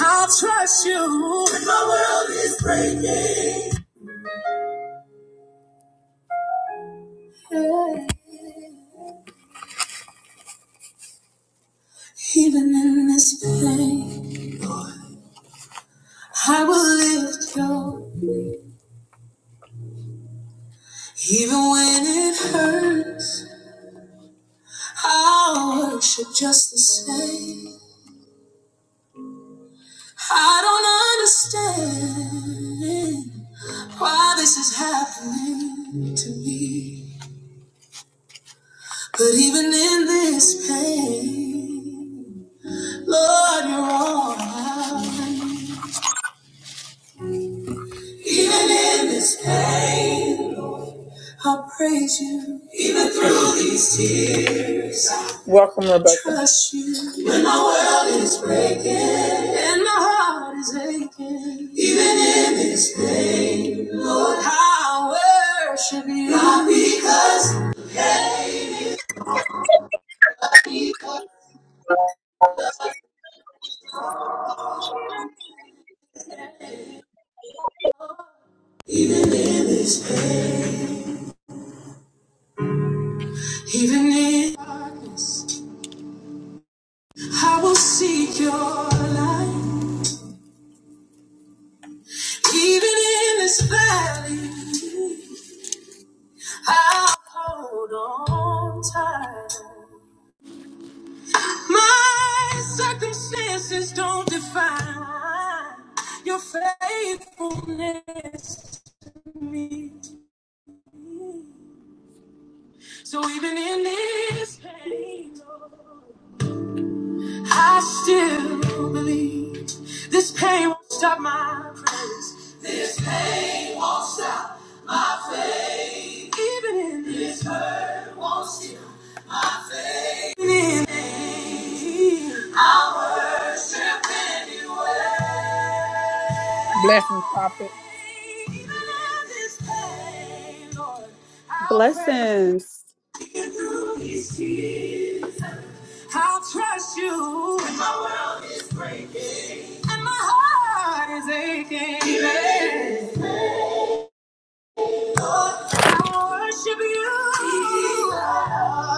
I'll trust you. When my world is breaking. Hey, Even in this pain, I will lift you. Even when it hurts, I'll worship just the same. I don't understand why this is happening to me. But even in this pain, Lord, you're all right. Even in this pain. I'll praise you. Even through these tears. Welcome, Rebecca. Trust you. When my, when my heart is aching. Even in this pain. Lord, I worship you. Not because this pain. Even in darkness, I will seek your light. Even in this valley, I'll hold on tight. My circumstances don't define your faithfulness to me. So even in this pain, Lord, I still believe this pain won't stop my praise. This pain won't stop my faith. Even in this hurt won't steal my faith. Even in pain, I worship anyway. Blessings, prophet. Even in this pain, Lord, I'll praise you. Blessings. I'll trust you. When my world is breaking. And my heart is aching. Yeah. Lord, I worship you. Yeah.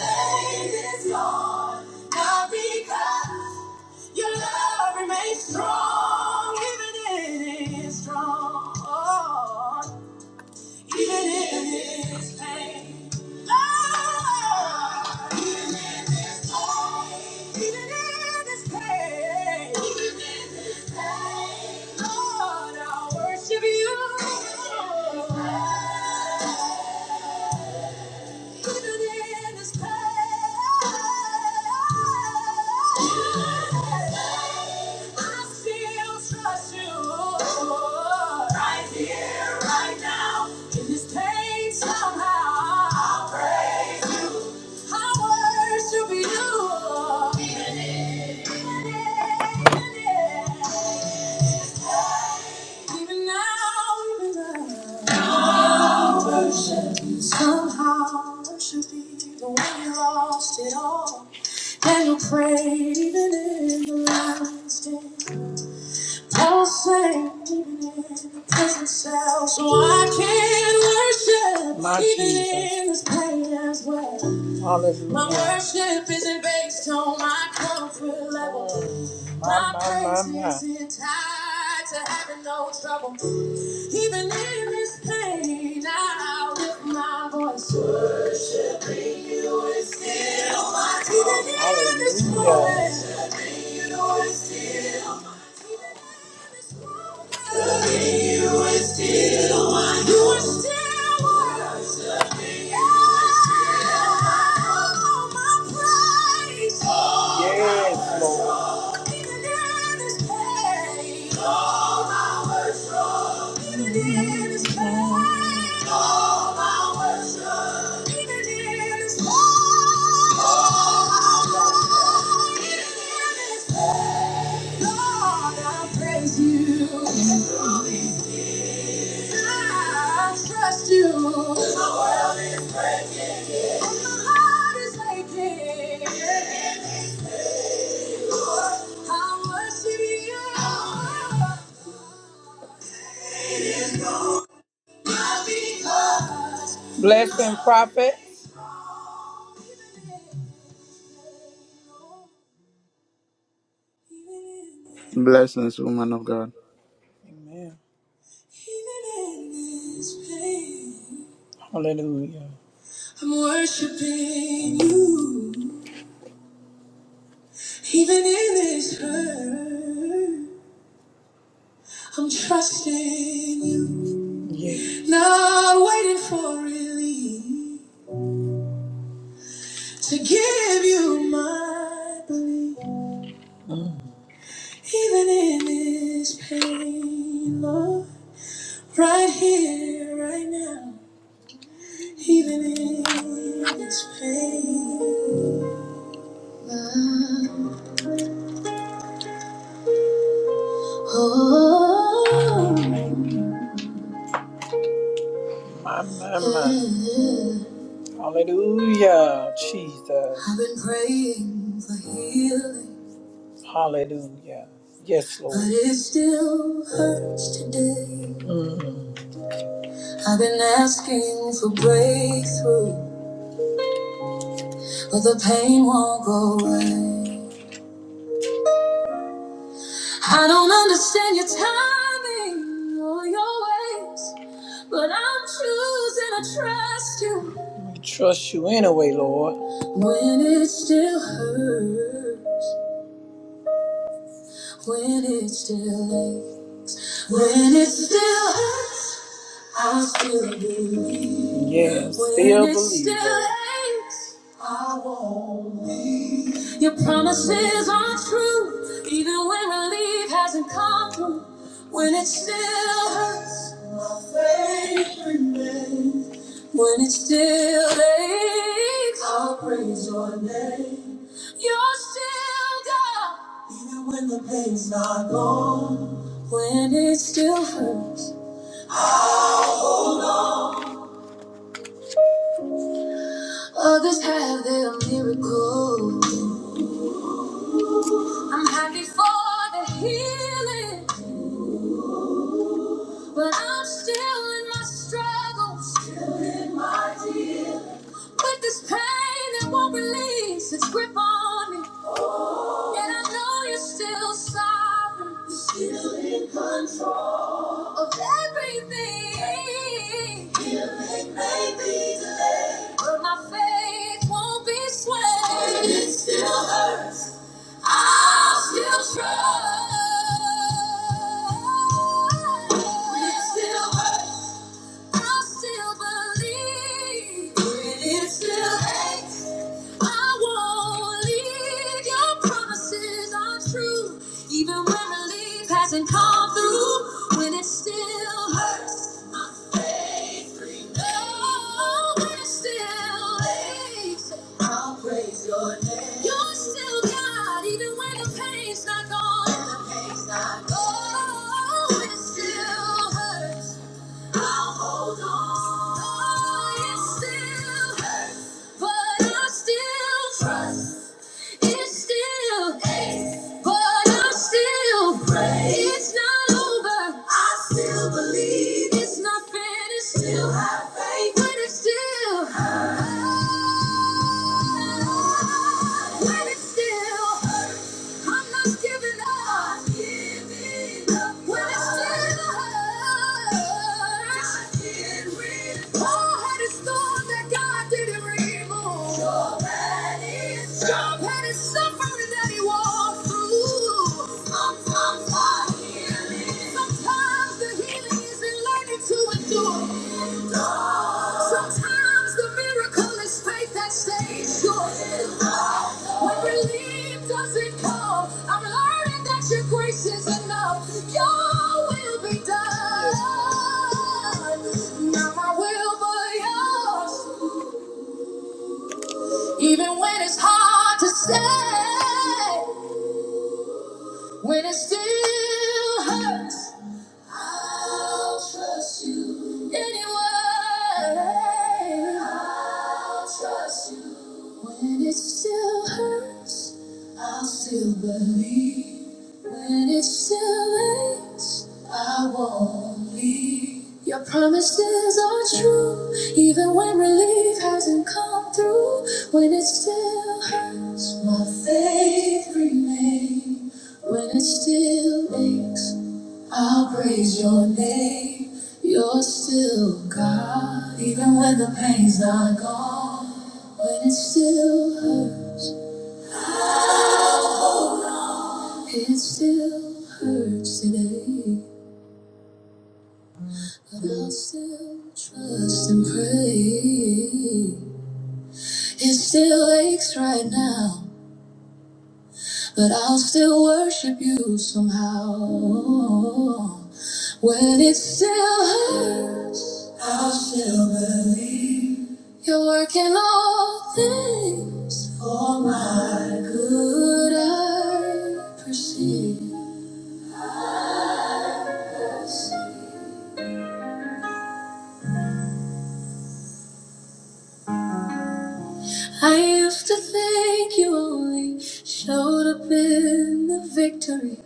Faith is gone. Not because your love remains strong. Even it is strong. Even in his pain. Oh, even in his pain. Even in his pain. Lord, I worship you. Even in, even in, even now, even now, worship. Somehow worship even when you lost it all. And you prayed even in the lion's den. Paul sang even in the prison cell. So I can worship My even Jesus. in this pain as well. Hallelujah. My worship isn't based on my comfort level. My, my, my, my. is tied to having no trouble. Even in this pain, I lift my voice. Worshiping you is still my Even in this Hallelujah. pain, worshiping you is still my Loving you is still my You are still my worshiping you is still my Oh, my praise. Yes, Lord. You. The world is breaking. And my heart is aching. I Bless him, prophet. Blessings, woman of God. Amen. Hallelujah. I'm worshiping you, even in this hurt. I'm trusting you, Yeah. not waiting for relief to give you my belief. Mm. Even in this pain, Lord, right here, right now. Even in this pain, Lord. Oh, My, my, my. Hallelujah, Jesus. I've been praying for healing, Hallelujah. Yes, Lord. but it still hurts today. Mm. I've been asking for breakthrough, but the pain won't go away. I don't understand your timing or your ways, but I'm choosing to trust you We trust you anyway, Lord. when it still hurts. When it's still late, when it's still hurts, I'll still believe. Yeah, still When it's believe. It's Still it. I won't leave. Your promises are true, even when relief hasn't come through. When it still hurts, my faith remains. When it still aches, I'll praise your name. You're still God, even when the pain's not gone. When it still hurts, others have their miracles. I'm happy for the healing. But I'm still in my struggles. Still in my deal. With this pain that won't release its grip on me. And I know you're still sovereign. You're still in control of everything. It may be. But my faith won't be swayed. And it still hurts. I'll still trust. When it still hurts. i still believe. When it still aches, I won't leave. Your promises are true. Even when relief hasn't come through, when it still hurts, my faith remains. Oh, when it still aches, I'll praise your name. You're still God, even when the pain's not gone. When the pain's not gone. Oh, when it still hurts. I'll hold on. Though still hurts, but I still trust. It still aches, but I still pray. It's not over. I still believe it's not finished. Still have faith, but it's still hurts. When it's still I'm not giving up. When it still hurts, God can remove. Hard-headed storm that God didn't remove. Storm-headed storm. Storm-headed suffering that He walked through. Sometimes I hear. Sometimes the healing is in learning to endure. Sometimes the miracle is faith that stays sure. When relief doesn't come, I'm learning that your grace is enough. Your will be done. Not my will, but yours. Even when it's hard to say, when it still hurts. I'll trust you anyway. I'll trust you when it still hurts. I'll still believe when it still aches. I won't leave. Your promises are true, even when relief hasn't come through. When it still hurts, my faith remains. When it still aches. I'll praise your name. You're still God, even when the pain's not gone. When it still hurts, it still hurts today. But I'll still trust and pray. It still aches right now. But I'll still worship you somehow. When it still hurts, I'll still believe you're working all things for my good. I perceive. I used to think you only showed up in the victory,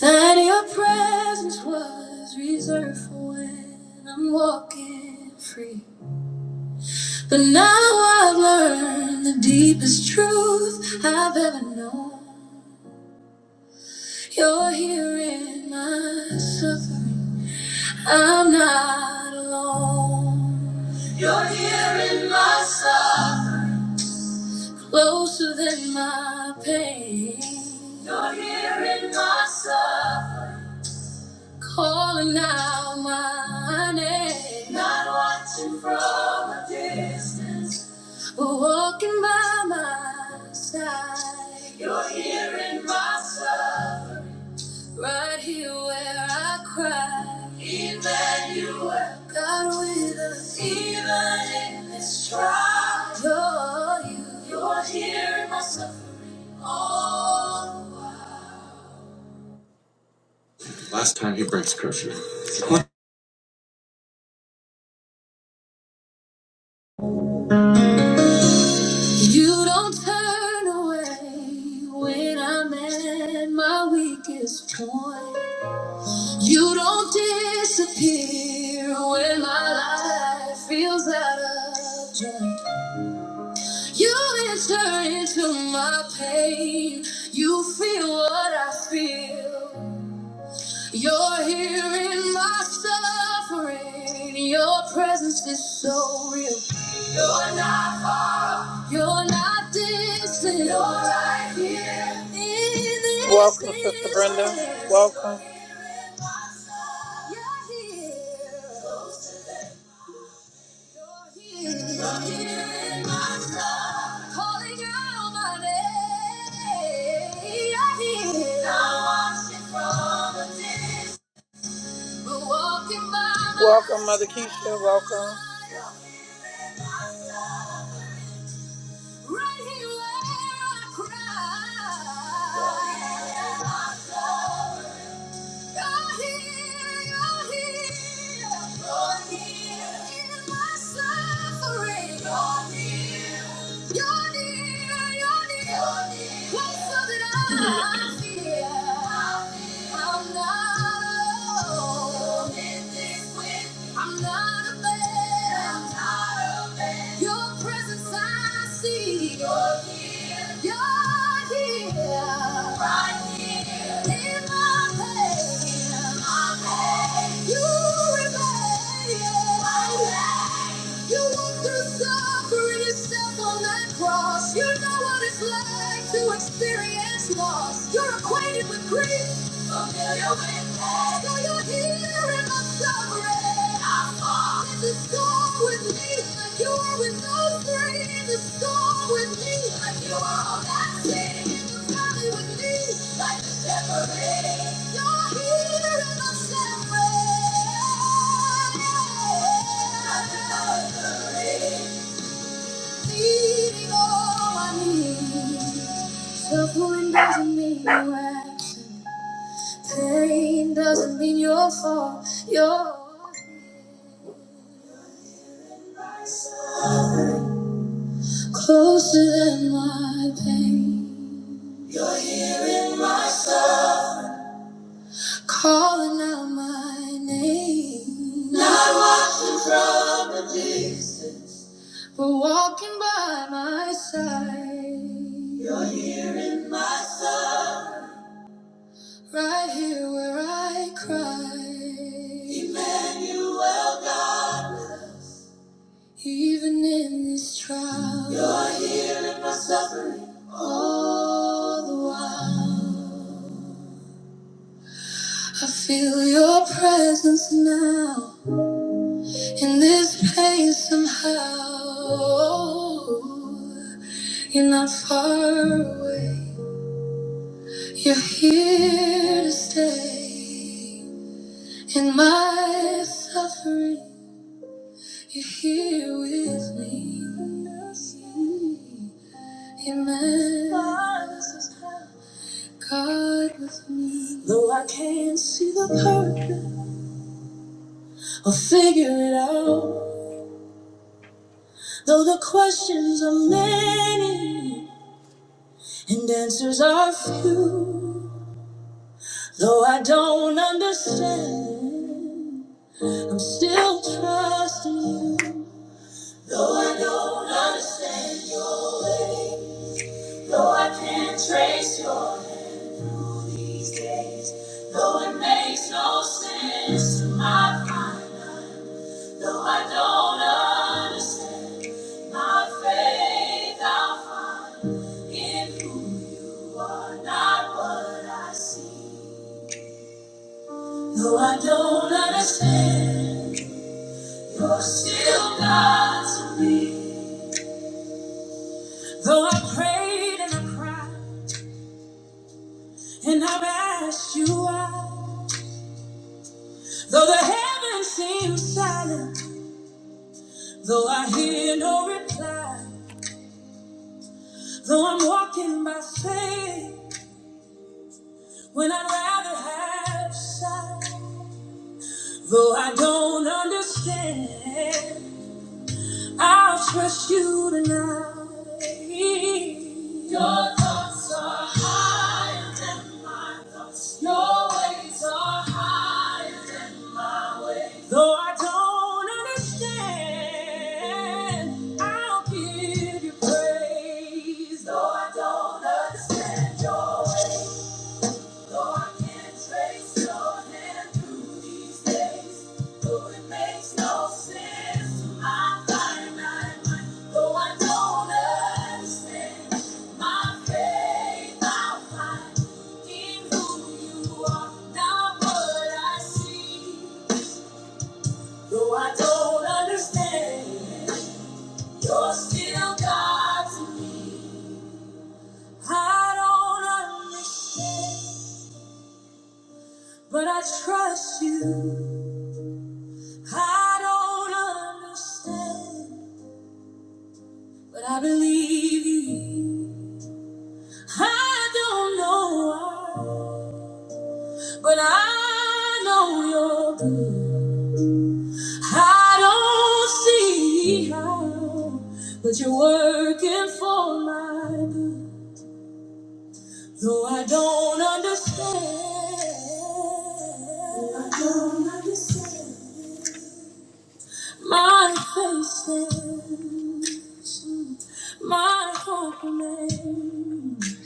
that your presence was reserved for when I'm walking free. But now I've learned the deepest truth I've ever known. You're here in my suffering. I'm not alone. You're here in my suffering. Closer than my pain. You're here in my suffering. calling out my name. Not watching from a distance, but walking by my side. You're hearing my suffering, right here where I cry. Emmanuel, God with us, even in this trial. You're you. You're hearing my suffering all the while. Last time he breaks curfew. You don't turn away when I'm at my weakest point. You don't disappear when my life feels out of joint. You enter into my pain. You feel what I feel. You're here in my suffering. Your presence is so real. You're not far. You're not distant. You're right here. In this Welcome, Sister Brenda. place. Welcome. You're here. You're here in my suffering. Calling out my name. You're here. Now watch it from a distance. Welcome, Mother Keisha. Welcome. I'm not a man. I'm not a man. Your presence presence I see. You're here. you're here, Right here. In my pain. My pain. You remain. My pain. You walk through suffering. yourself on that cross. You know what it's like to experience loss. You're acquainted with grief. Suffering doesn't mean you absent. Pain doesn't mean your fault. You're closer than my pain, calling out my name. Not one from release, but walking by my side, right here where I cry. Even in this trial, you're here in my suffering all the while. I feel your presence now in this place somehow. You're not far away, you're here to stay. In my suffering, you're here with me. Amen. God with me. Though I can't see the purpose, I'll figure it out. Though the questions are many and answers are few, though I don't understand, I'm still trusting you. Though I don't understand your way, though I can't trace your hand through these days, though it makes no sense to my mind, though I don't understand. My faith I'll find in who you are, not what I see. Though I don't understand, you're still God to me. Though I prayed and I cried, and I've asked you why. Though the heavens seem silent, though I hear no reply. Though I'm walking by faith, when I'd rather have sight. Though I don't understand, I'll trust you tonight. Your thoughts are higher than my thoughts. Your ways are higher than my ways. Though I don't understand, I'll give you praise. Though I don't understand your ways. Lord can't trace your hand through these days, though it makes no sense to my mind. Though I don't understand, my faith i find in who you are, not what I see. Though I don't understand, you're still God I don't understand, but I trust you. I don't understand, but I believe you. I don't know why, but I know you're good. I don't see how, but you're working for my good. Though I don't understand, I don't understand. My face is my hope remains.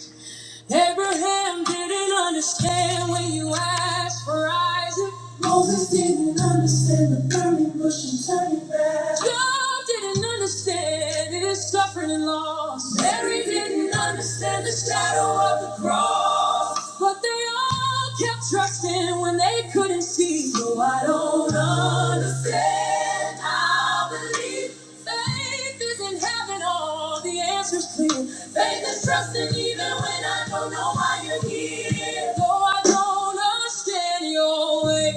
Abraham didn't understand when you asked for Isaac. Moses didn't understand the burning bush and turning back. Job didn't understand his suffering and loss. Mary didn't understand the shadow of the cross. But they all kept trusting when they couldn't see. So I don't understand. I believe. Faith is in heaven, all the answers clear. Faith is trusting even when I don't know why you're here. Though I don't understand your way,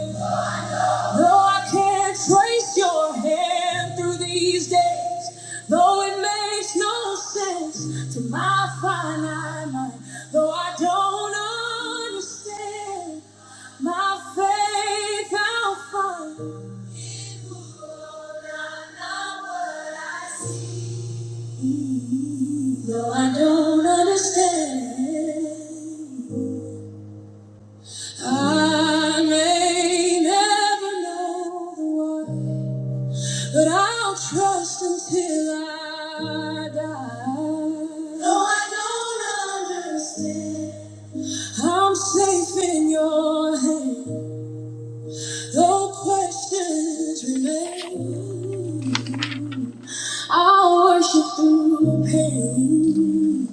though I can't trace your hand through these days, though it makes no sense to my finite mind, though I don't understand my faith I'll find. Lord, I'm not what I see. No, I don't understand. I may never know the word, but I'll trust until I die. No, I don't understand. I'm safe in your hands. No questions remain. I'll worship through pain,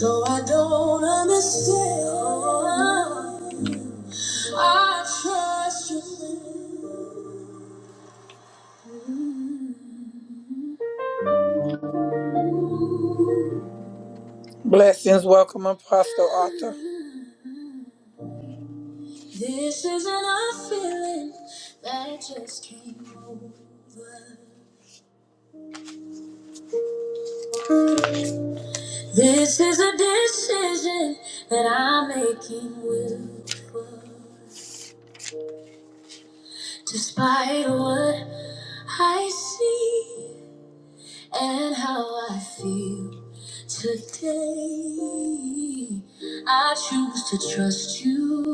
though I don't understand. I trust you. Blessings, welcome, Apostle Arthur. This isn't a feeling that just came over. This is a decision that I'm making willful, despite what I see and how I feel today. I choose to trust you.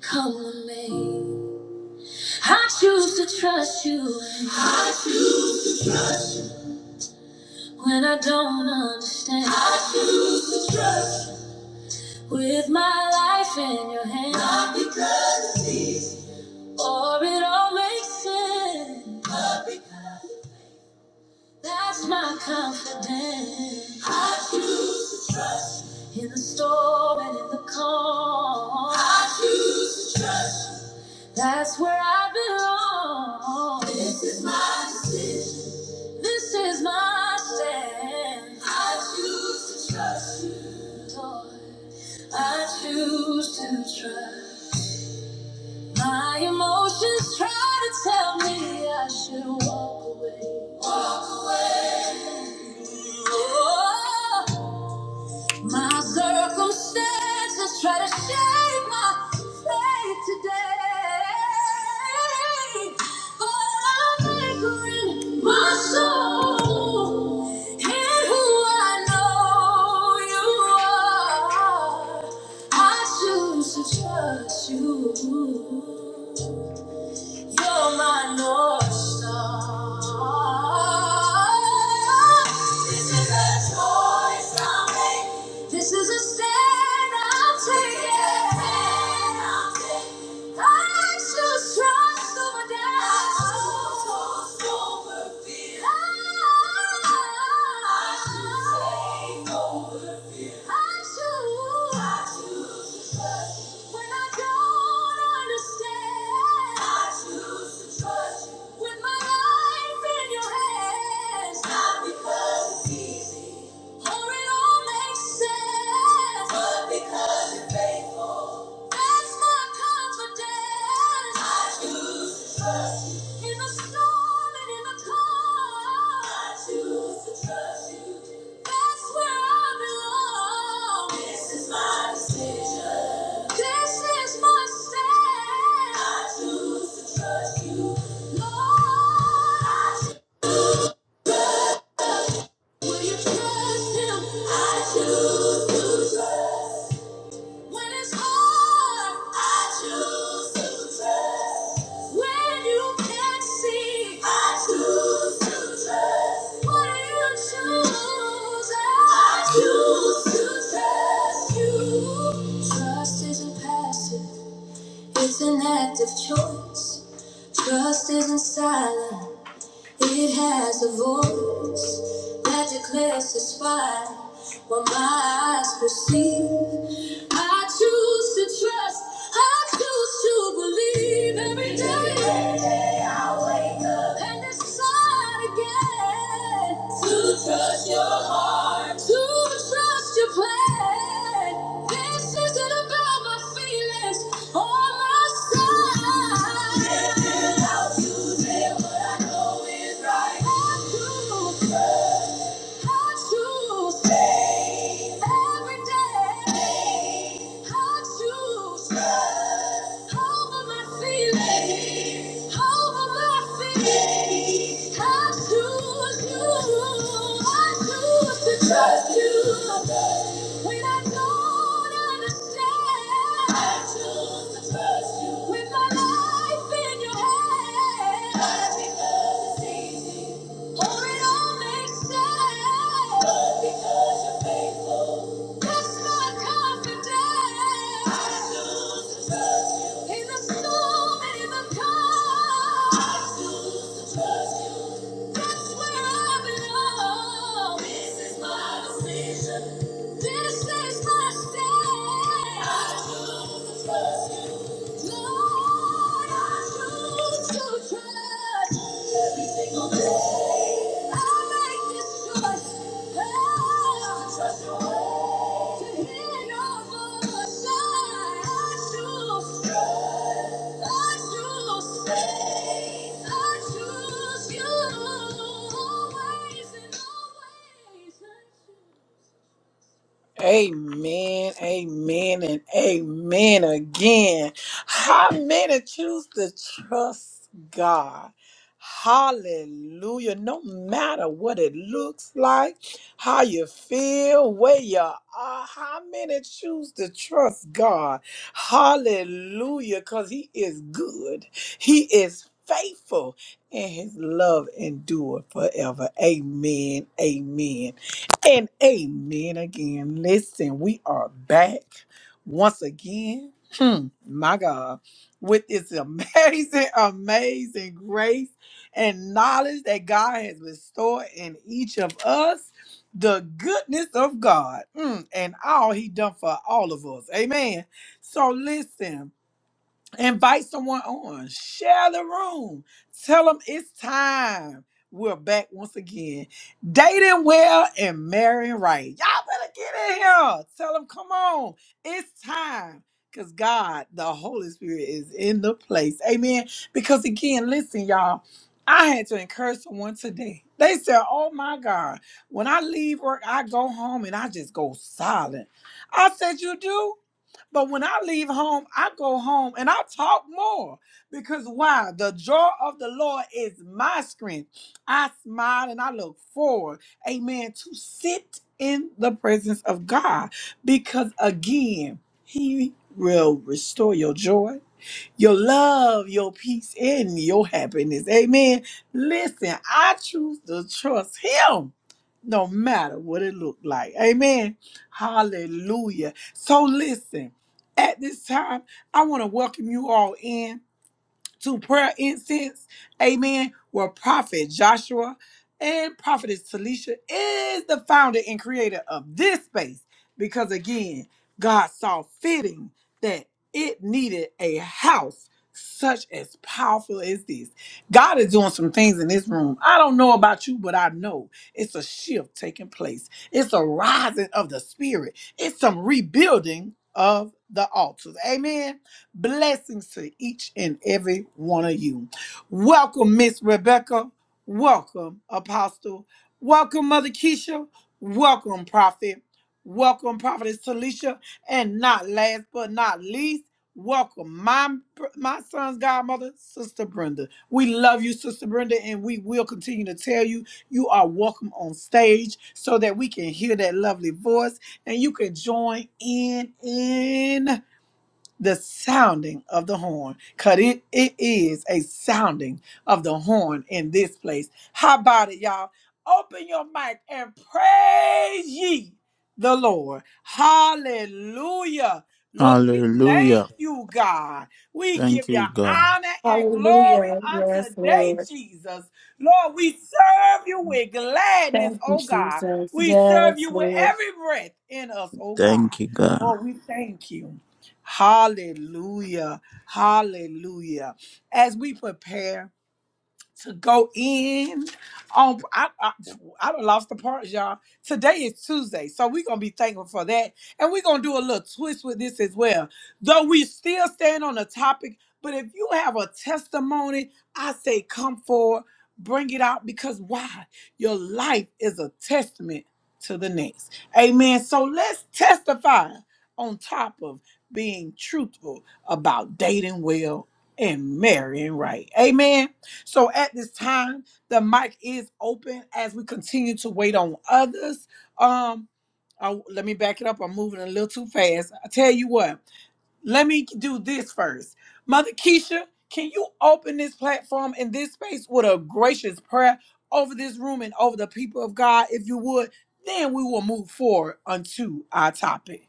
Come with me. I choose to trust you when I don't understand. With my life in your hands. Or it all makes sense. That's my confidence. In the storm and in the calm. I choose to trust. you. That's where I belong. This is my decision. This is my stand. I choose to trust you, Lord. I choose to trust. My emotions try to tell me I should walk away. Walk away. Oh, my circumstances try to shape my faith today. But I'm anchoring my soul in who I know you are. I choose to trust you. You're my North Star. This is a choice I make. This is a stand I'm taking. I choose trust over doubt. I choose trust over fear. I because you're faithful. That's this is my decision. This is my stand. I choose to trust you. Lord, I choose. Will you trust him? I choose to trust. When it's hard, I choose to trust. When you can't see, I choose to trust. What you choose? I choose to trust you. Trust isn't passive, it's an active choice. Trust isn't silent. It has a voice that declares to spy what my eyes perceive. I choose to trust, I choose to believe every day. Every day I wake up and decide again. To trust your heart. To trust your plan. This isn't about my feelings or my side. Yeah, I'll do what I know is right. I choose. I choose. Trust you when I don't understand. I choose to trust you with my life in your hands. Not because it's easy. Oh, it all makes sense. But because you're faithful, that's my confidence. I choose to trust you. In the storm and the calm. I choose to trust you. That's where I belong. This is my decision. This is my stand. I choose to trust you. Always and always, I choose. Amen, amen, and amen again. How many choose to trust God? Hallelujah. No matter what it looks like, how you feel, where you are, how many choose to trust God? Hallelujah. Because He is good, He is faithful, and His love endure forever. Amen, amen. And amen again. Listen, we are back once again. Hmm, my God, with this amazing, amazing grace and knowledge that God has bestowed in each of us, the goodness of God mm, and all He done for all of us. Amen. So listen. Invite someone on. Share the room. Tell them it's time. We're back once again. Dating well and marrying right. Y'all better get in here. Tell them, come on. It's time. Because God, the Holy Spirit, is in the place. Amen. Because again, listen, y'all. I had to encourage someone today. They said, Oh my God, when I leave work, I go home and I just go silent. I said, You do? But when I leave home, I go home and I talk more because why? The joy of the Lord is my strength. I smile and I look forward, amen, to sit in the presence of God because again, He will restore your joy, your love, your peace, and your happiness. Amen. Listen, I choose to trust Him no matter what it looked like. Amen. Hallelujah. So listen, at this time, I want to welcome you all in to prayer incense, amen, where Prophet Joshua and Prophetess Talisha is the founder and creator of this space because, again, God saw fitting that it needed a house such as powerful as this. God is doing some things in this room. I don't know about you, but I know it's a shift taking place. It's a rising of the spirit. It's some rebuilding of the altars. Amen. Blessings to each and every one of you. Welcome, Miss Rebecca. Welcome, Apostle. Welcome, Mother Keisha. Welcome, Prophet. Welcome, Prophetess Talisha. And not last but not least, welcome my my son's godmother, Sister Brenda. We love you, Sister Brenda, and we will continue to tell you you are welcome on stage so that we can hear that lovely voice and you can join in in the sounding of the horn. Cause it, it is a sounding of the horn in this place. How about it, y'all? Open your mic and praise ye the Lord. Hallelujah. Lord, we thank Hallelujah. you, God. We give Thank you you, God. honor and glory Hallelujah. Yes, unto day, Lord. Jesus. Lord, we serve you with gladness, Thank you, oh God. Jesus. We serve Yes, you with Lord. every breath in us, oh God. Thank you, God. Lord, we thank you. Hallelujah. Hallelujah. As we prepare, to go in. Um, I, I, I done lost the parts, y'all. Today is Tuesday, so we're gonna be thankful for that, and we're gonna do a little twist with this as well. Though we still stand on the topic, but if you have a testimony, I say come forward, bring it out, because why? Your life is a testament to the next. Amen. So let's testify on top of being truthful about dating well and marrying right. Amen. So at this time, the mic is open as we continue to wait on others. Um, I, let me back it up. I'm moving a little too fast. I tell you what, let me do this first. Mother Keisha, can you open this platform in this space with a gracious prayer over this room and over the people of God, if you would? Then we will move forward unto our topic.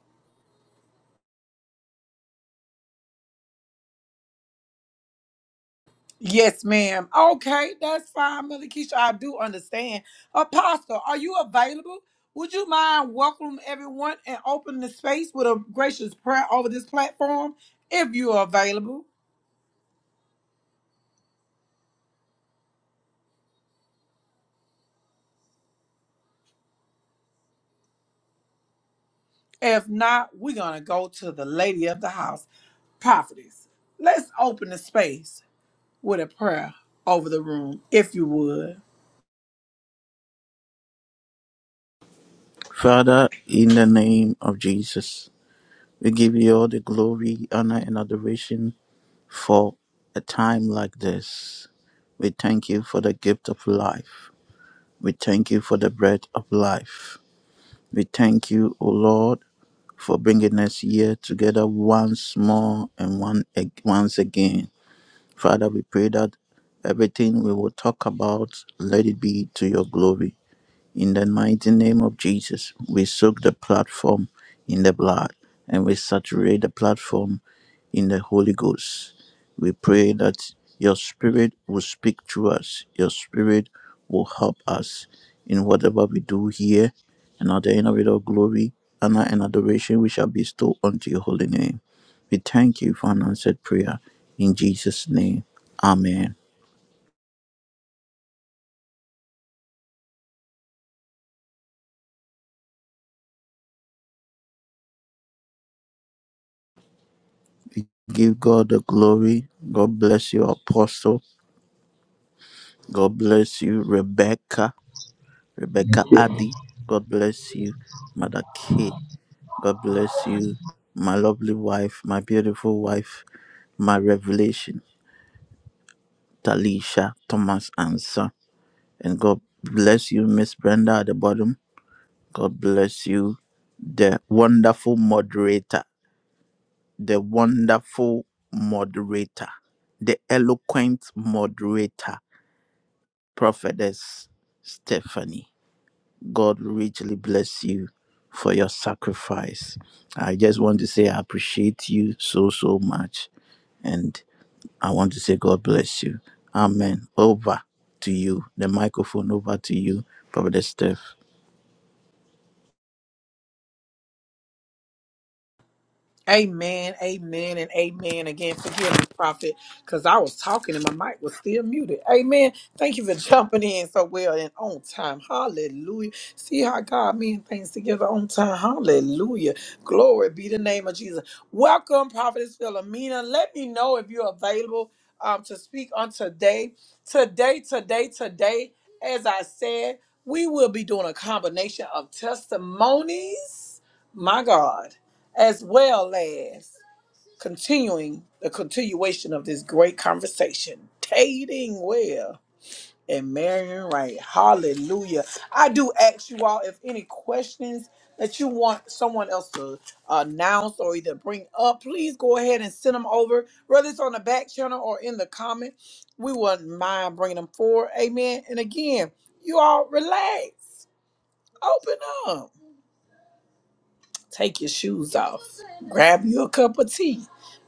Yes, ma'am. Okay, that's fine, Mother Keisha. I do understand. Apostle, are you available? Would you mind welcoming everyone and opening the space with a gracious prayer over this platform if you are available? If not, we're going to go to the lady of the house, prophetess. Let's open the space with a prayer over the room, if you would. Father, in the name of Jesus, we give you all the glory, honor, and adoration for a time like this. We thank you for the gift of life. We thank you for the bread of life. We thank you, O Lord, for bringing us here together once more and one, once again. Father, we pray that everything we will talk about, let it be to your glory. In the mighty name of Jesus, we soak the platform in the blood and we saturate the platform in the Holy Ghost. We pray that your spirit will speak through us, your spirit will help us in whatever we do here. And at the end of it all, glory, honor, and adoration we shall bestow unto your holy name. We thank you for an answered prayer in Jesus' name. Amen. Give God the glory. God bless you, Apostle. God bless you, Rebecca. Rebecca Addy. God bless you, Mother K. God bless you, my lovely wife, my beautiful wife, my revelation, Talisha Thomas and son. And God bless you, Miss Brenda at the bottom. God bless you, the wonderful moderator, the wonderful moderator, the eloquent moderator, Prophetess Stephanie. God richly bless you for your sacrifice. I just want to say I appreciate you so, so much. And I want to say God bless you. Amen. Over to you. The microphone over to you, Brother Steph. Amen, amen, and amen. Again, forgive me, Prophet, because I was talking and my mic was still muted. Amen. Thank you for jumping in so well and on time. Hallelujah. See how God means things together on time. Hallelujah. Glory be the name of Jesus. Welcome, Prophetess Philomena. Let me know if you're available um, to speak on today. Today, today, today, as I said, we will be doing a combination of testimonies. My God as well as continuing the continuation of this great conversation, dating well and marrying right. Hallelujah. I do ask you all if any questions that you want someone else to announce or either bring up, please go ahead and send them over, whether it's on the back channel or in the comment. We wouldn't mind bringing them forward. Amen. And again, you all relax, open up. Take your shoes off. Grab you a cup of tea.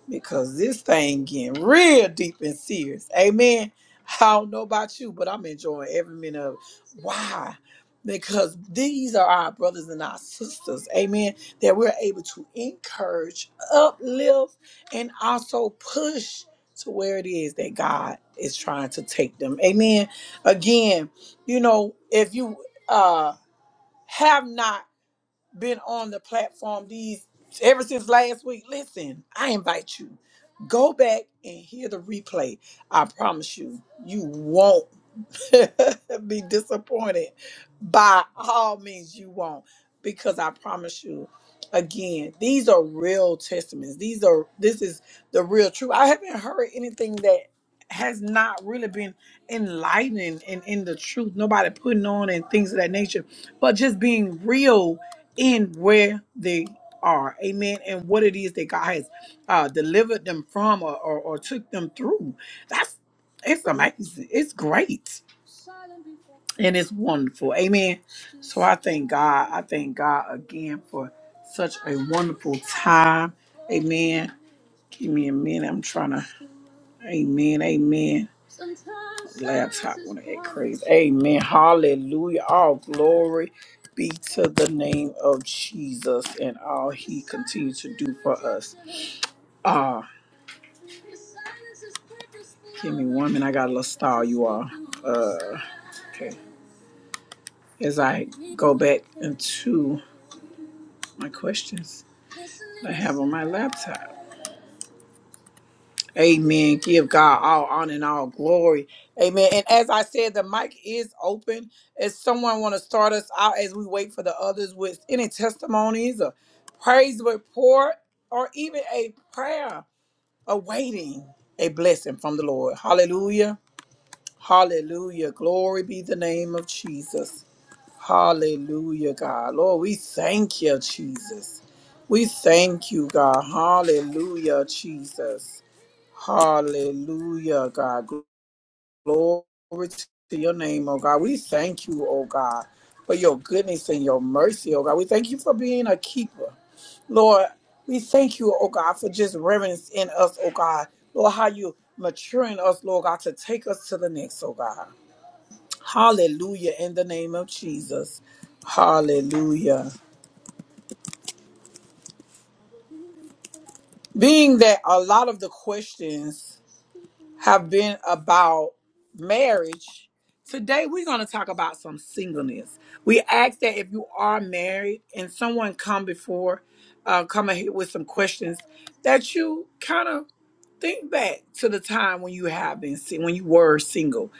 Because this thing getting real deep and serious. Amen. I don't know about you, but I'm enjoying every minute of it. Why? Because these are our brothers and our sisters. Amen. That we're able to encourage, uplift, and also push to where it is that God is trying to take them. Amen. Again, you know, if you uh have not been on the platform these ever since last week, listen, I invite you. Go back and hear the replay. I promise you, you won't be disappointed by all means you won't because i promise you again these are real testaments these are this is the real truth i haven't heard anything that has not really been enlightening and in the truth nobody putting on and things of that nature but just being real in where they are amen and what it is that god has uh delivered them from or, or, or took them through that's it's amazing it's great and it's wonderful. Amen. So I thank God. I thank God again for such a wonderful time. Amen. Give me a minute. I'm trying to. Amen. Amen. Laptop want to act crazy. Amen. Hallelujah. All glory be to the name of Jesus and all He continues to do for us. Ah, give me one minute. I got a little style, you all. Uh, okay as I go back into my questions I have on my laptop. Amen. Give God all honor and all glory. Amen. And as I said, the mic is open. If someone want to start us out as we wait for the others with any testimonies or praise report or even a prayer awaiting a blessing from the Lord. Hallelujah. Hallelujah. Glory be the name of Jesus. Hallelujah, God. Lord, we thank you, Jesus. We thank you, God. Hallelujah, Jesus. Hallelujah, God. Glory to your name, oh God. We thank you, oh God, for your goodness and your mercy, oh God. We thank you for being a keeper. Lord, we thank you, oh God, for just reverence in us, oh God. Lord, how you maturing us, Lord God, to take us to the next, oh God. Hallelujah in the name of Jesus. Hallelujah. Being that a lot of the questions have been about marriage, today we're going to talk about some singleness. We ask that if you are married and someone come before, uh, come here with some questions, that you kind of think back to the time when you have been sing- when you were single.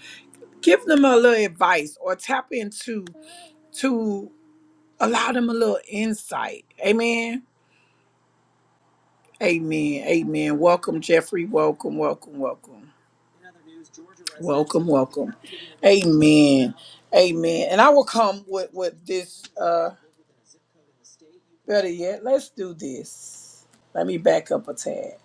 Give them a little advice or tap into to allow them a little insight. Amen. Amen. Amen. Welcome, Jeffrey. Welcome, welcome, welcome. Welcome, welcome. Amen. Amen. And I will come with, with this uh better yet. Let's do this. Let me back up a tad.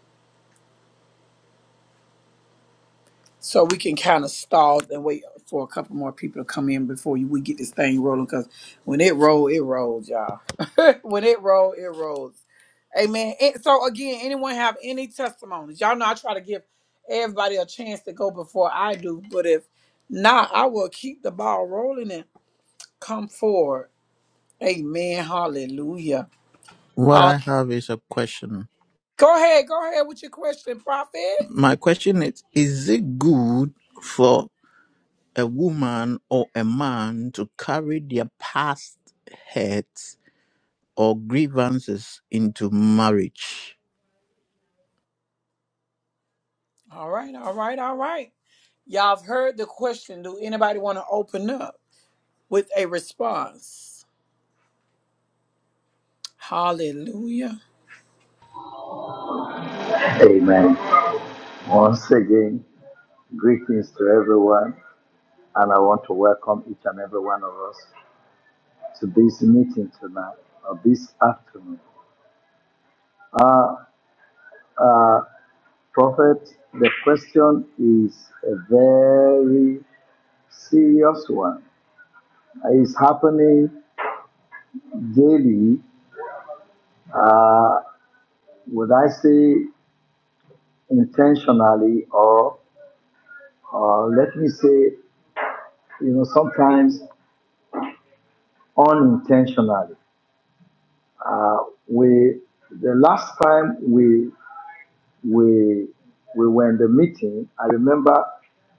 So we can kind of stall and wait for a couple more people to come in before we get this thing rolling. Cause when it roll, it rolls, y'all. when it roll, it rolls. Amen. And so again, anyone have any testimonies? Y'all know I try to give everybody a chance to go before I do, but if not, I will keep the ball rolling and come forward. Amen. Hallelujah. What Hall- I have is a question. Go ahead. Go ahead with your question, prophet. My question is Is it good for a woman or a man to carry their past hurts or grievances into marriage? All right. All right. All right. Y'all have heard the question. Do anybody want to open up with a response? Hallelujah. Amen. Once again, greetings to everyone, and I want to welcome each and every one of us to this meeting tonight or this afternoon. Uh, uh, Prophet, the question is a very serious one. It's happening daily. Uh, would I say intentionally or, or let me say, you know, sometimes unintentionally? Uh, we the last time we we we were in the meeting, I remember,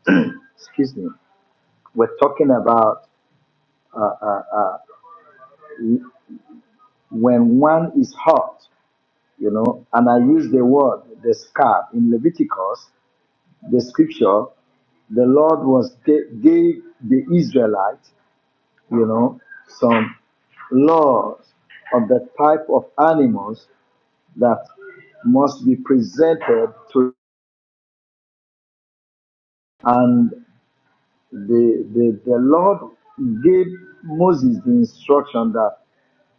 excuse me, we're talking about uh, uh, uh, when one is hot, you know, and I use the word the scarf in Leviticus, the scripture, the Lord was ga- gave the Israelites, you know, some laws of the type of animals that must be presented to And the, the, the Lord gave Moses the instruction that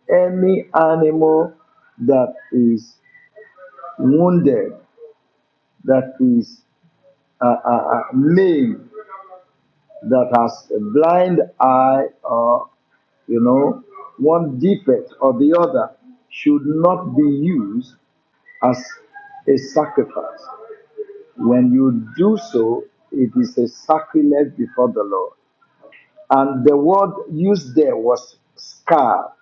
any animal that is wounded, that is uh, uh, uh, maimed, that has a blind eye or, you know, one defect or the other should not be used as a sacrifice. When you do so, it is a sacrilege before the Lord. And the word used there was scar.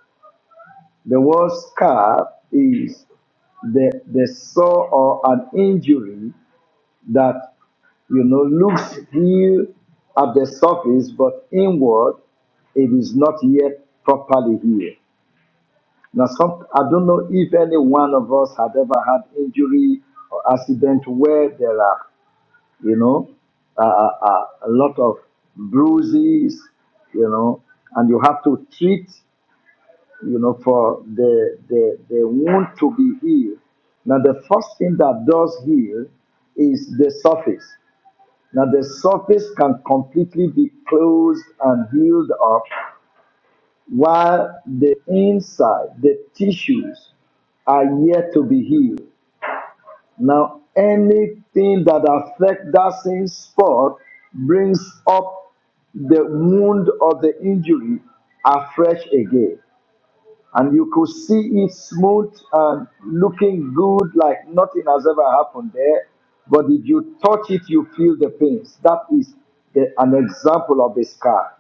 The word scar is the, the sore or an injury that, you know, looks here at the surface, but inward it is not yet properly healed. Now, some, I don't know if any one of us had ever had injury or accident where there are, you know, uh, uh, uh, a lot of bruises, you know, and you have to treat. you know, for the, the, the wound to be healed. Now, the first thing that does heal is the surface. Now, the surface can completely be closed and healed up while the inside, the tissues, are yet to be healed. Now, anything that affects that same spot brings up the wound or the injury afresh again and you could see it smooth and looking good, like nothing has ever happened there. But if you touch it, you feel the pains. That is the, an example of a scar.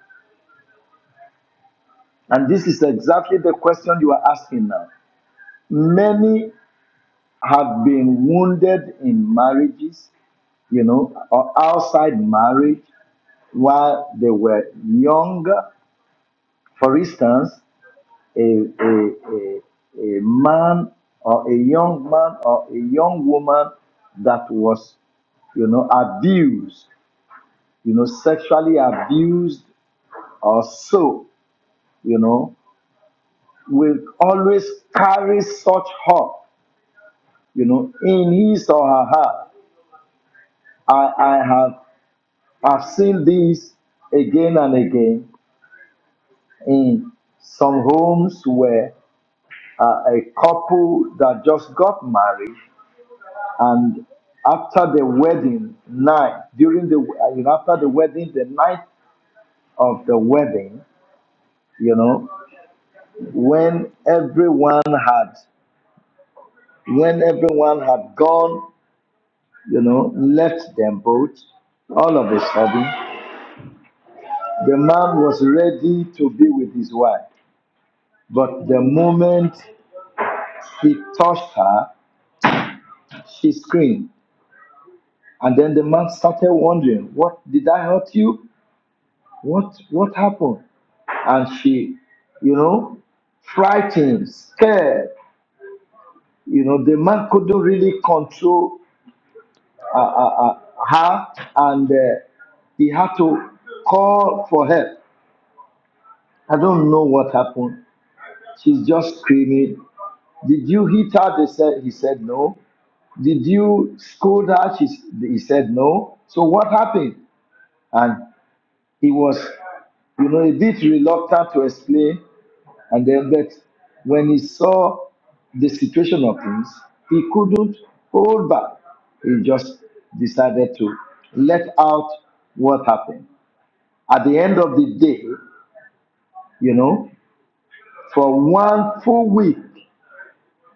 And this is exactly the question you are asking now. Many have been wounded in marriages, you know, or outside marriage while they were younger. For instance, a, a, a, a man or a young man or a young woman that was, you know, abused, you know, sexually abused or so, you know, will always carry such hurt, you know, in his or her heart. I, I have I've seen this again and again in some homes where uh, a couple that just got married and after the wedding night, during the uh, you know after the wedding, the night of the wedding, you know, when everyone had when everyone had gone, you know, left them both, all of a sudden, the man was ready to be with his wife. But the moment he touched her, she screamed. And then the man started wondering, what did I hurt you? What what happened? and she, you know, frightened, scared. You know, the man couldn't really control uh, uh, uh, her, and uh, he had to call for help. I don't know what happened. She's just screaming. Did you hit her? They said. He said no. Did you scold her? She, s- he said no. So what happened? And he was, you know, a bit reluctant to explain. And then that when he saw the situation of things, he couldn't hold back. He just decided to let out what happened. At the end of the day, you know, for one full week,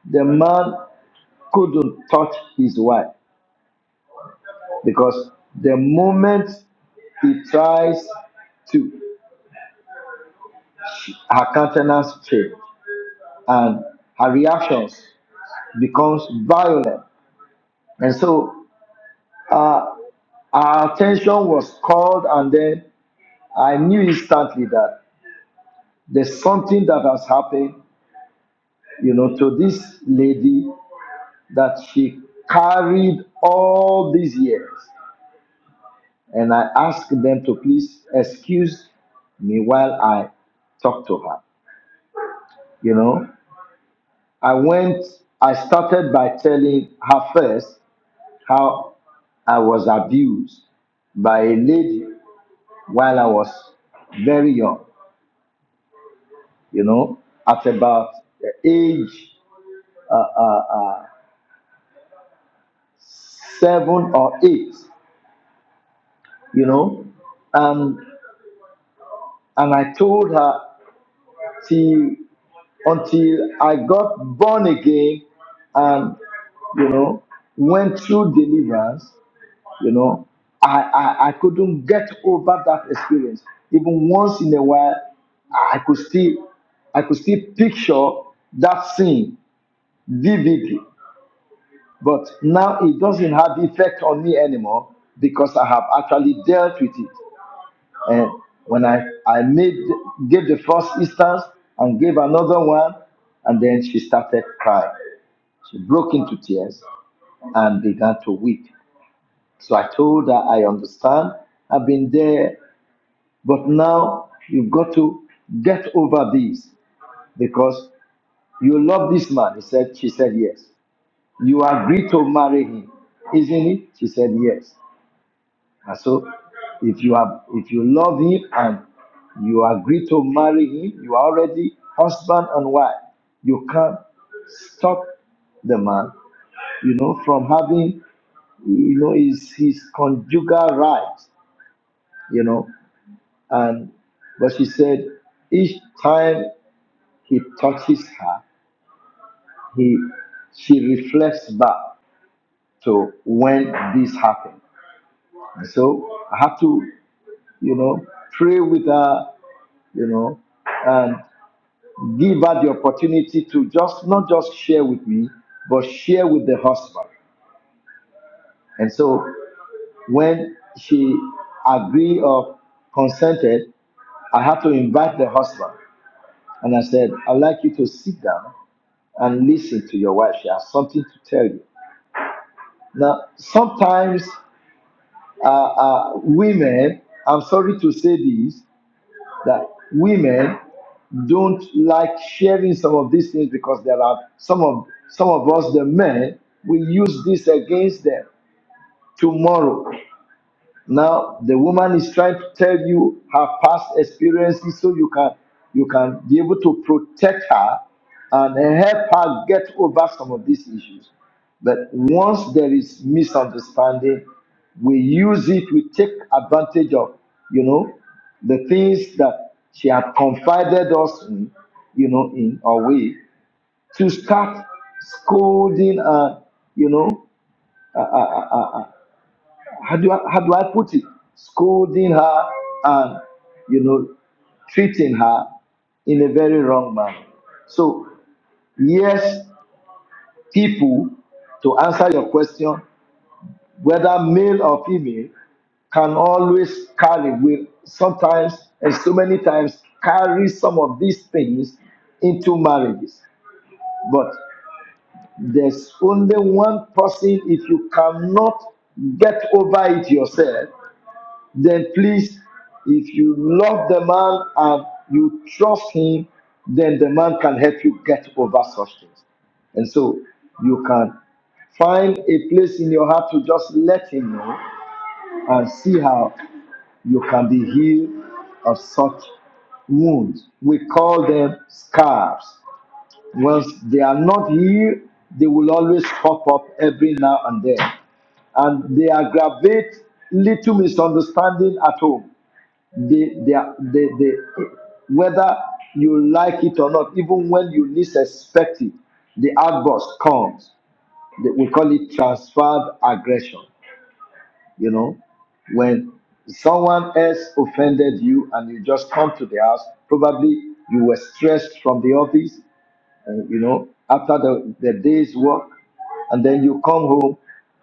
the man couldn't touch his wife because the moment he tries to, her countenance change and her reactions becomes violent. And so uh, Our attention was called, and then I knew instantly that there's something that has happened, you know, to this lady that she carried all these years. And I asked them to please excuse me while I talk to her. You know, I went, I started by telling her first how I was abused by a lady while I was very young you know, at about the age uh, seven or eight, you know, and and I told her till until I got born again, and you know, went through deliverance, you know, I I, I couldn't get over that experience. Even once in a while, I could still I could still picture that scene vividly But now it doesn't have effect on me anymore because I have actually dealt with it. And when I, I made gave the first instance and gave another one, and then she started crying. She broke into tears and began to weep. So I told her, I understand, I've been there, but now you've got to get over this because you love this man. He said, she said yes. You agreed to marry him, isn't it? She said yes. And so, if you have, if you love him and you agree to marry him, you are already husband and wife. You can't stop the man, you know, from having, you know, his his conjugal rights, you know. And but she said, each time he touches her, he she reflects back to when this happened. And so I have to, you know, pray with her, you know, and. Give her the opportunity to just not just share with me, but share with the husband. And so when she agreed or consented, I had to invite the husband. And I said, I'd like you to sit down and listen to your wife. She has something to tell you. Now, sometimes uh, uh, women, I'm sorry to say this, that women don't like sharing some of these things because there are some of some of us the men we use this against them tomorrow now the woman is trying to tell you her past experiences so you can you can be able to protect her and help her get over some of these issues. But once there is misunderstanding, we use it, we take advantage of, you know, the things that she had confided us in, you know, in a way to start scolding and you know how do I, how do I put it? Scolding her and you know treating her in a very wrong manner. So yes, people, to answer your question, whether male or female, can always carry will sometimes and so many times carry some of these things into marriages. But there's only one person if you cannot get over it yourself then please, if you love the man and you trust him, then the man can help you get over such things. And so you can find a place in your heart to just let him know and see how you can be healed of such wounds. We call them scars. Once they are not healed, they will always pop up every now and then. And they aggravate little misunderstanding at home they, they, are- they, they, whether you like it or not, even when you least expect it, the outburst comes. They- We call it transferred aggression. You know, when someone else offended you and you just come to the house, probably you were stressed from the office and, you know, after the, the day's work, and then you come home,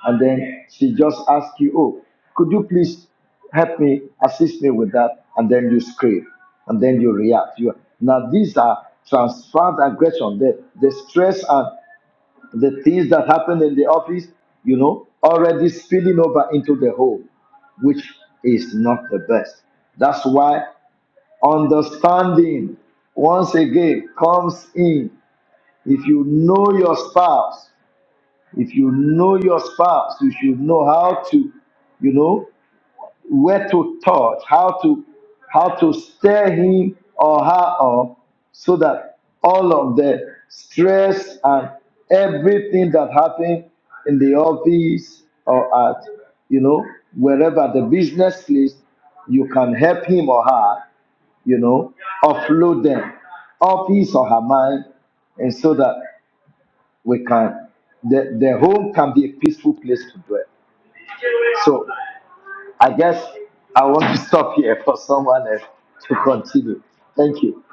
and then she just asks you, oh, could you please help me, assist me with that? And then you scream, and then you react. You, now, these are transferred aggression, the, the stress and the things that happen in the office, you know, already spilling over into the home, which is not the best. That's why understanding once again comes in if you know your spouse, if you know your spouse, you should know how to, you know, where to touch, how to, how to stir him or her up, so that all of the stress and everything that happened in the office or at, you know, wherever the business is, you can help him or her, you know, offload them off his or her mind, and so that we can the, the home can be a peaceful place to dwell. So I guess I want to stop here for someone else to continue. Thank you.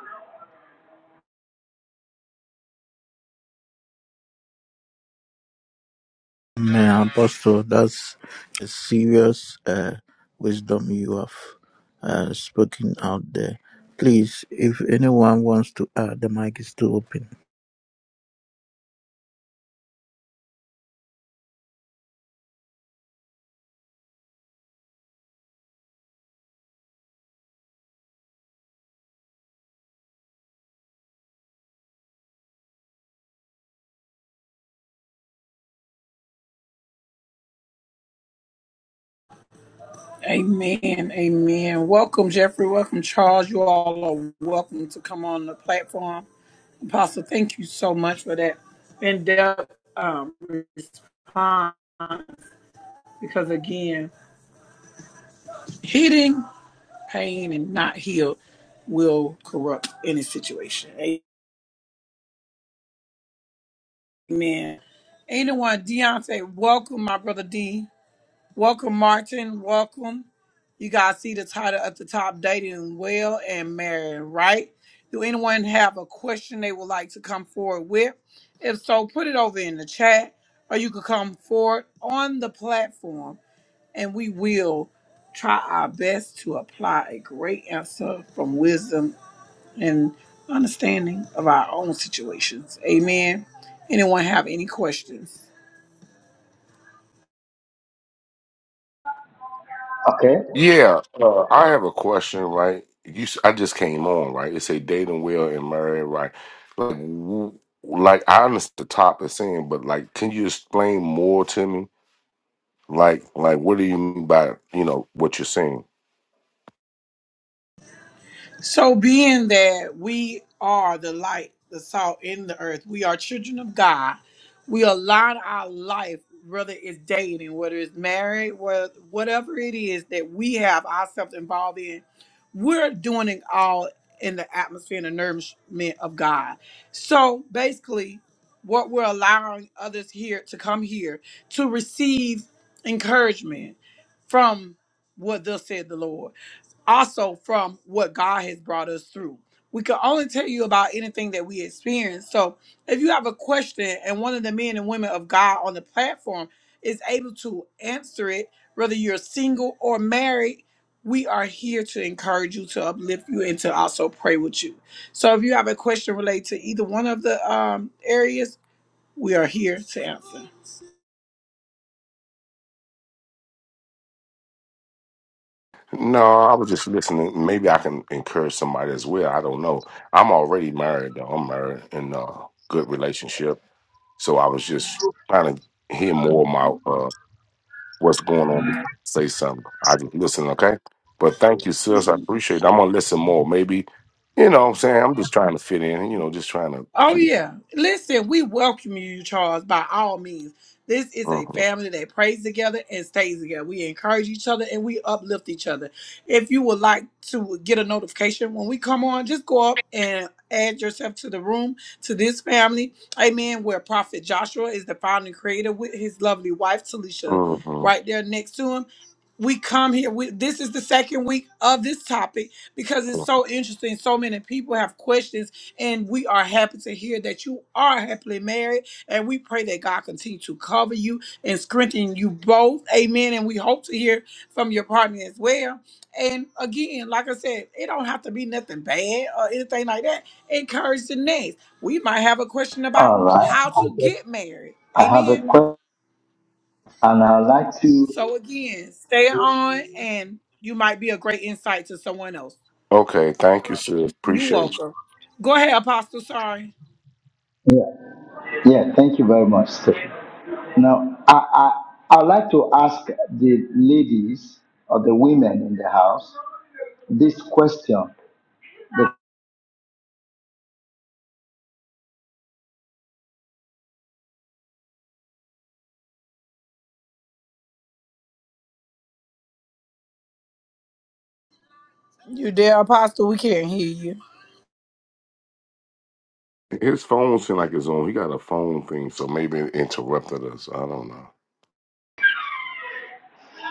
Man, Apostle, that's a serious uh, wisdom you have uh, spoken out there. Please, if anyone wants to add, the mic is still open. Amen. Amen. Welcome, Jeffrey. Welcome, Charles. You all are welcome to come on the platform. Apostle, thank you so much for that in depth um, response because, again, hitting pain and not healed will corrupt any situation. Amen. Anyone, Deontay, welcome, my brother D. Welcome, Martin. Welcome. You guys see the title at the top Dating Well and Marrying Right. Do anyone have a question they would like to come forward with? If so, put it over in the chat or you could come forward on the platform and we will try our best to apply a great answer from wisdom and understanding of our own situations. Amen. Anyone have any questions? Okay. Yeah, uh, I have a question. Right, you, s- I just came on. Right, it's a dating Will and Murray. Right, like, w- like I understand the top is saying, but like, can you explain more to me? Like, like, what do you mean by you know what you're saying? So, being that we are the light, the salt in the earth, we are children of God. We align our life, whether it's dating, whether it's married, whether, whatever it is that we have ourselves involved in, we're doing it all in the atmosphere and the nourishment of God. So, basically, what we're allowing others here to come here to receive encouragement from what thus said the Lord also from what God has brought us through. We can only tell you about anything that we experience. So if you have a question and one of the men and women of God on the platform is able to answer it, whether you're single or married, we are here to encourage you, to uplift you, and to also pray with you. So if you have a question related to either one of the um, areas, we are here to answer. No, I was just listening. Maybe I can encourage somebody as well. I don't know. I'm already married though. I'm married in a good relationship, so I was just trying to hear more of my uh, what's going on before I say something. I just listen, okay? But thank you, sis. I appreciate it. I'm gonna listen more. Maybe, you know what I'm saying? I'm just trying to fit in, you know, just trying to Oh yeah. Listen, we welcome you, Charles, by all means. This is a Mhm, family that prays together and stays together. We encourage each other and we uplift each other. If you would like to get a notification when we come on, just go up and add yourself to the room to this family. Amen. Where Prophet Joshua is the founder and creator with his lovely wife Talisha mhm, right there next to him we come here we, this is the second week of this topic because it's mhm. so interesting so many people have questions and we are happy to hear that you are happily married and we pray that god continue to cover you and strengthen you both amen and we hope to hear from your partner as well and again like i said it don't have to be nothing bad or anything like that encourage the next we might have a question about All right. how I to guess get married I have a amen question and I'd like to so again, stay on and you might be a great insight to someone else. Okay, thank you, sis. You Appreciate welcome. Go ahead, Apostle. Sorry. yeah, yeah thank you very much. Stephen. Now I, I I'd like to ask the ladies or the women in the house this question. The- You there, Apostle? We can't hear you. you. His phone seemed like his own. He got a phone thing, so maybe it interrupted us. I don't know.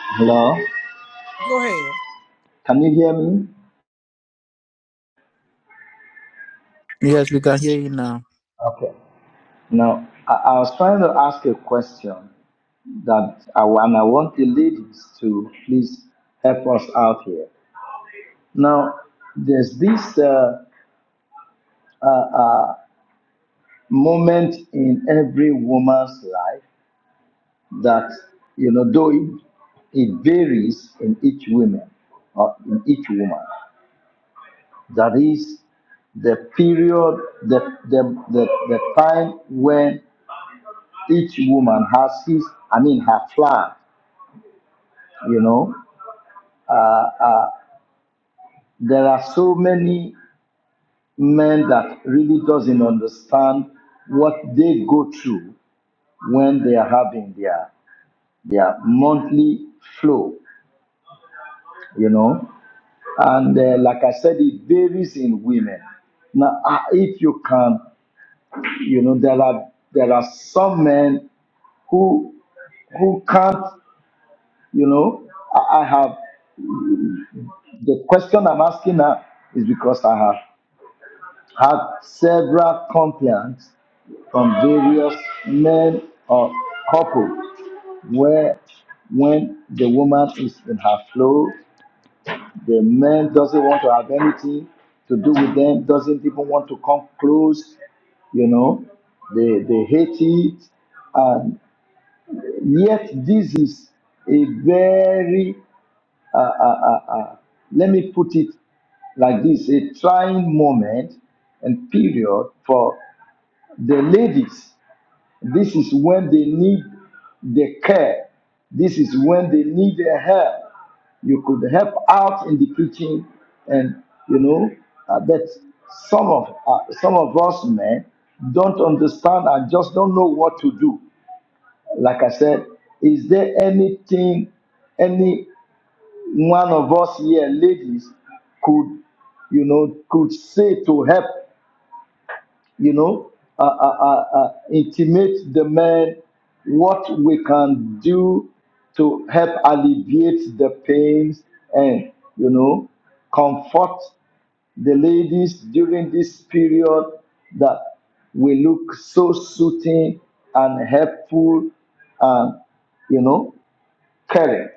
hello? Go ahead. Can you hear me? Yes, we can hear you now. Okay. Now I, I was trying to ask a question that I, and I want the ladies to please help us out here. Now, there's this uh, moment in every woman's life that, you know, though it, it varies in each woman or in each woman, that is the period, the, the, the, the time when each woman has his, I mean, her flag, you know. There are so many men that really doesn't understand what they go through when they are having their their monthly flow, you know. And uh, like I said, it varies in women. Now, uh, if you can, you know, there are there are some men who who can't, you know. I, I have the question I'm asking now is because I have had several complaints from various men or couples where when the woman is in her flow, the man doesn't want to have anything to do with them, doesn't even want to come close, you know, they, they hate it. And yet this is a very, uh, uh, uh, uh, let me put it like this, a trying moment and period for the ladies, this is when they need the care. This is when they need the help. You could help out in the kitchen, and you know, I bet some of uh, some of us men don't understand and just don't know what to do. Like I said, is there anything any one of us here, ladies, could you know could say to help? you know, uh, uh, uh, uh, intimate the men what we can do to help alleviate the pains and, you know, comfort the ladies during this period that we look so soothing and helpful and, you know, caring.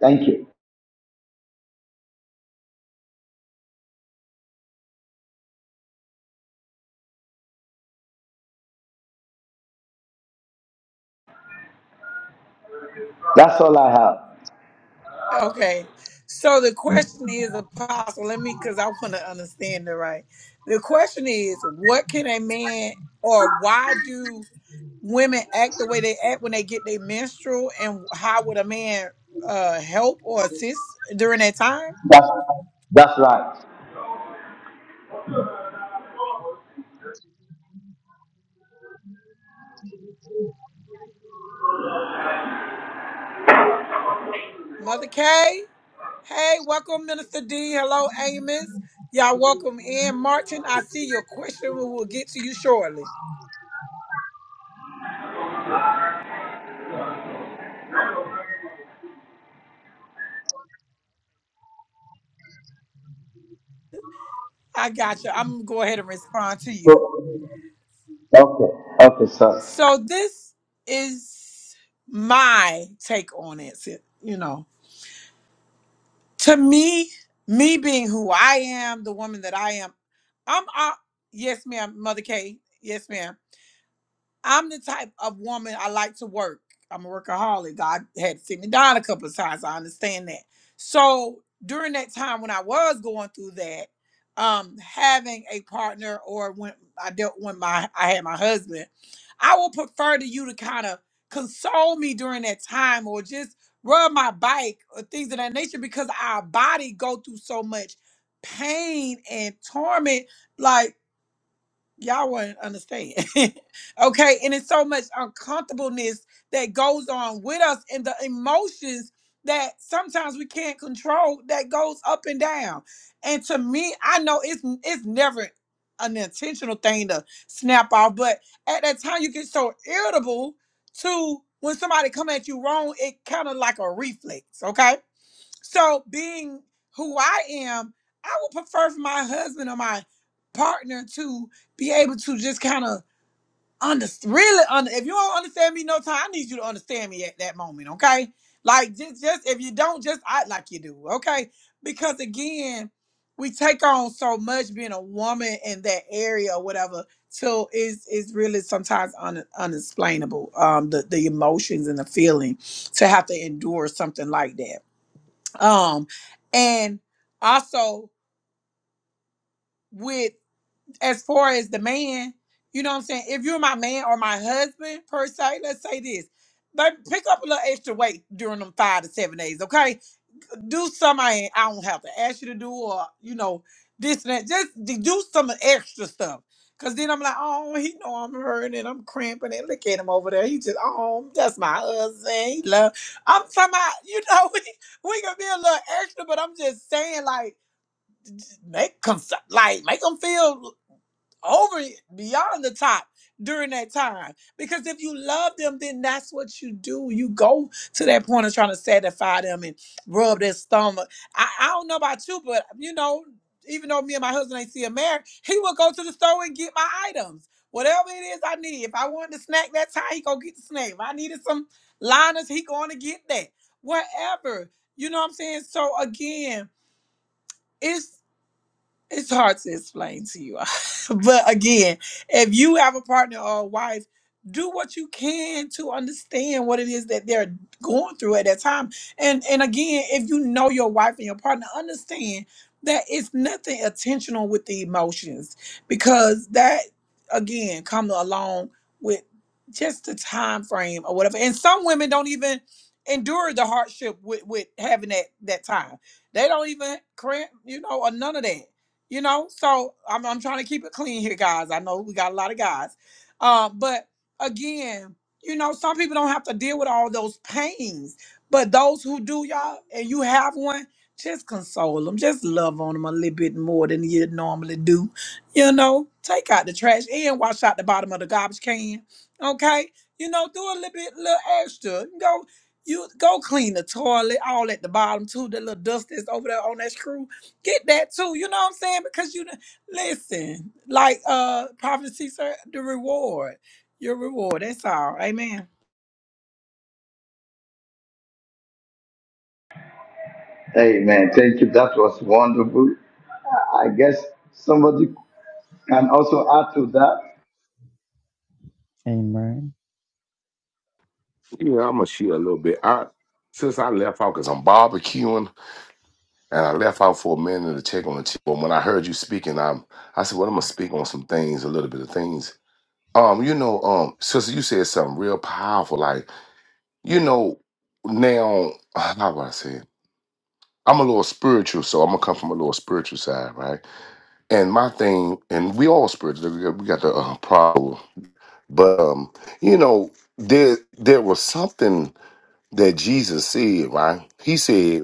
Thank you. That's all I have. Okay. So the question is, Apostle, let me, because I want to understand it right. The question is, what can a man or why do women act the way they act when they get their menstrual, and how would a man uh, help or assist during that time? That's, that's right. Mother Kay. Hey, welcome, Minister D. Hello, Amos. Y'all welcome in. Martin, I see your question. We will get to you shortly. I got you. I'm going to go ahead and respond to you. So, okay, okay, sir. So, this is my take on it, si- you know. to me, me being who I am, the woman that I am, I'm uh, yes, ma'am, Mother K. Yes, ma'am. I'm the type of woman I like to work. I'm a workaholic. God had to sit me down a couple of times. I understand that. So during that time when I was going through that, um, having a partner or when I dealt when my I had my husband, I would prefer to you to kind of console me during that time or just rub my bike or things of that nature because our body go through so much pain and torment. Like y'all wouldn't understand. okay, and it's so much uncomfortableness that goes on with us and the emotions that sometimes we can't control that goes up and down. And to me, I know it's it's never an intentional thing to snap off, but at that time you get so irritable to when somebody come at you wrong, it kind of like a reflex, okay? So being who I am, I would prefer for my husband or my partner to be able to just kind of under really under if you don't understand me no time, I need you to understand me at that moment, okay? Like just just if you don't just act like you do, okay? Because again, we take on so much being a woman in that area or whatever till it's it's really sometimes un, unexplainable. Um the, the emotions and the feeling to have to endure something like that. Um, and also with as far as the man, you know what I'm saying? If you're my man or my husband per se, let's say this. baby, pick up a little extra weight during them five to seven days, okay? Do something I, I don't have to ask you to do or, you know, this and that. Just d- do some extra stuff. Cause then I'm like, oh, he know I'm hurting and I'm cramping and look at him over there. He just, oh, that's my husband. He love. I'm talking about, you know, we, we gonna be a little extra, but I'm just saying like make them like make them feel over it, beyond the top during that time because if you love them then that's what you do you go to that point of trying to satisfy them and rub their stomach i, I don't know about you but you know even though me and my husband ain't still married he will go to the store and get my items whatever it is i need if i wanted a snack that time he go get the snack if i needed some liners he going to get that whatever you know what i'm saying so again it's it's hard to explain to you. but again, if you have a partner or a wife, do what you can to understand what it is that they're going through at that time. And and again, if you know your wife and your partner, understand that it's nothing intentional with the emotions because that again comes along with just the time frame or whatever. And some women don't even endure the hardship with, with having that that time. They don't even cramp, you know, or none of that you know so i'm, I'm trying to keep it clean here guys i know we got a lot of guys uh, but again you know some people don't have to deal with all those pains but those who do y'all and you have one just console them just love on them a little bit more than you normally do you know take out the trash and wash out the bottom of the garbage can okay you know do a little bit little extra go you go clean the toilet all at the bottom too the little dust that's over there on that screw get that too. You know what I'm saying? Because you listen, like uh prophecy, sir, the reward, your reward. That's all. Amen. Amen. Thank you. That was wonderful. I guess somebody can also add to that. Amen. Yeah, I'm gonna share a little bit. I since I left out because I'm barbecuing and I left out for a minute to check on the chick. But when I heard you speaking, I'm I said, Well, I'm gonna speak on some things, a little bit of things Um, you know, um, sister, you said something real powerful. Like, you know, now how would I say it? I'm a little spiritual, so I'm gonna come from a little spiritual side, right? And my thing, and we all spiritual. We got, we got the uh, problem, but um, you know, there there was something that Jesus said, right? He said.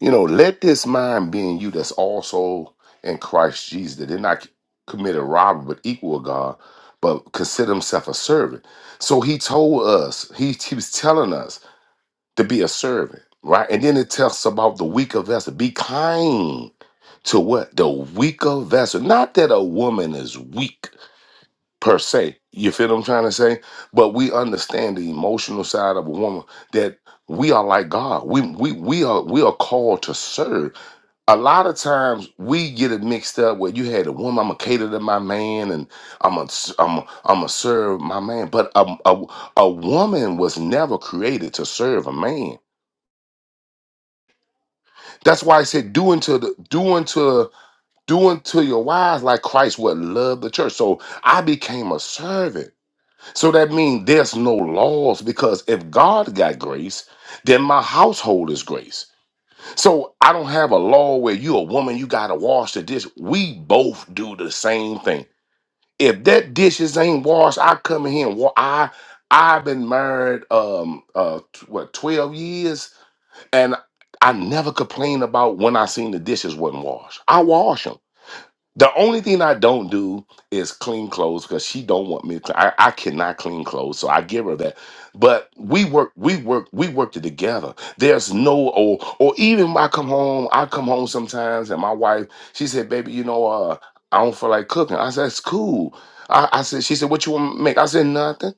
You know, let this mind be in you that's also in Christ Jesus, that did not commit a robbery but equal with God, but consider himself a servant. So he told us, he, he was telling us to be a servant, right? And then it tells us about the weaker vessel. Be kind to what? The weaker vessel. Not that a woman is weak per se. You feel what I'm trying to say? But we understand the emotional side of a woman that we are like God. We we we are we are called to serve a lot of times we get it mixed up where you had a woman, I'm gonna cater to my man and I'm gonna I'm gonna, I'm gonna serve my man. But a, a, a woman was never created to serve a man. That's why I said do unto the do unto do unto your wives like Christ would love the church. So I became a servant. So that means there's no laws because if God got grace, then my household is grace. So I don't have a law where you a woman, you gotta wash the dish. We both do the same thing. If that dishes ain't washed, I come in here and wa- I I've been married um uh t- what twelve years and I never complain about when I seen the dishes wasn't washed. I wash 'em. The only thing I don't do is clean clothes because she don't want me. To, I I cannot clean clothes, so I give her that. But we work, we work, we worked it together. There's no or or even when I come home, I come home sometimes, and my wife she said, "Baby, you know, uh, I don't feel like cooking." I said, "It's cool." I, I said, "She said, what you want to make?" I said, "Nothing."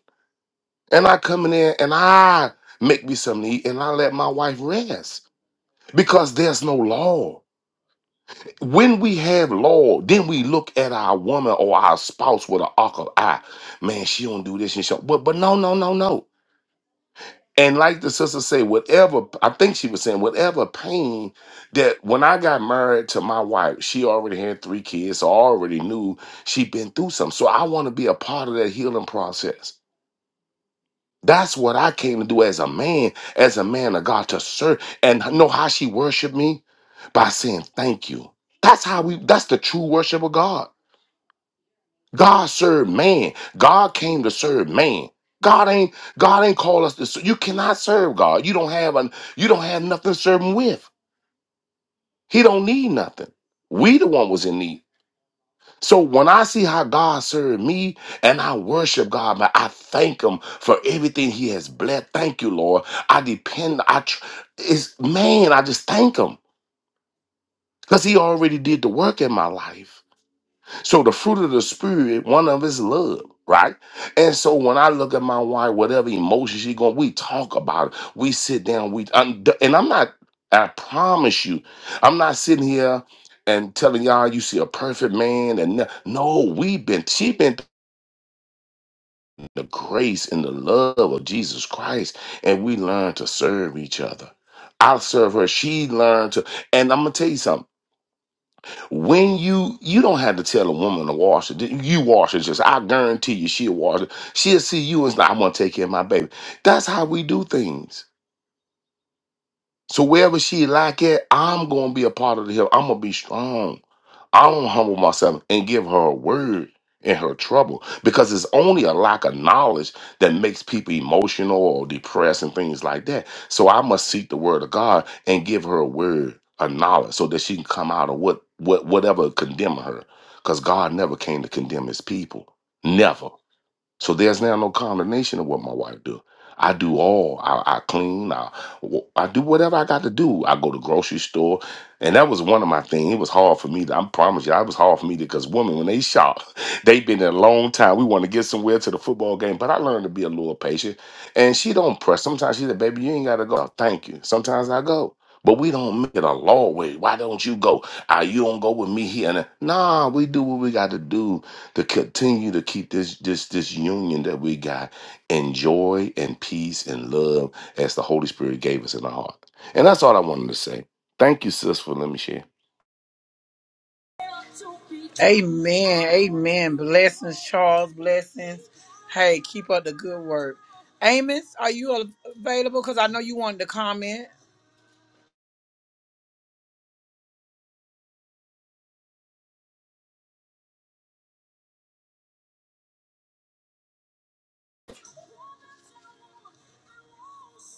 And I come in there and I make me something to eat, and I let my wife rest because there's no law. When we have law, then we look at our woman or our spouse with an arc eye. Man, she don't do this and so. But but no, no, no, no. And like the sister said, whatever I think she was saying, whatever pain that when I got married to my wife, she already had three kids, so I already knew she'd been through something. So I want to be a part of that healing process. That's what I came to do as a man, as a man of God, to serve and know how she worshiped me by saying thank you. That's how we. That's the true worship of God. God served man. God came to serve man. God ain't God ain't call us to serve. You cannot serve God. You don't have an you don't have nothing to serve him with. He don't need nothing. We the one was in need. So when I see how God served me and I worship God, man, I thank him for everything he has blessed. Thank you, Lord. I depend, I tr- it's man, I just thank him because he already did the work in my life. So the fruit of the spirit, one of is love, right? And so when I look at my wife, whatever emotions she going, we talk about it. We sit down. We I'm, d- and I'm not. I promise you, I'm not sitting here and telling y'all you see a perfect man and no, no, we've been she been through the grace and the love of Jesus Christ, and we learn to serve each other. I serve her. She learned to, and I'm gonna tell you something when you you don't have to tell a woman to wash it. You wash it just. I guarantee you, she'll wash it. She'll see you and say, "I'm gonna take care of my baby." That's how we do things. So wherever she like it, I'm gonna be a part of the help. I'm gonna be strong. I don't humble myself and give her a word in her trouble because it's only a lack of knowledge that makes people emotional or depressed and things like that. So I must seek the word of God and give her a word of knowledge so that she can come out of what what whatever condemn her. Because God never came to condemn his people. Never. So there's now no condemnation of what my wife do. I do all. I, I clean. I, I do whatever I got to do. I go to grocery store, and that was one of my things. It was hard for me. To, I promise you, it was hard for me because women, when they shop, they've been there a long time. We want to get somewhere to the football game, but I learned to be a little patient. And she don't press. Sometimes she said, "Baby, you ain't got to go." Oh, Thank you. Sometimes I go, but we don't make it a law way. Why don't you go? Ah, you don't go with me here. And there. nah, we do what we got to do to continue to keep this this this union that we got in joy and peace and love as the Holy Spirit gave us in our heart. And that's all I wanted to say. Thank you, sis, for letting me share. Amen. Amen. Blessings, Charles. Blessings. Hey, keep up the good work. Amos, are you available? Because I know you wanted to comment.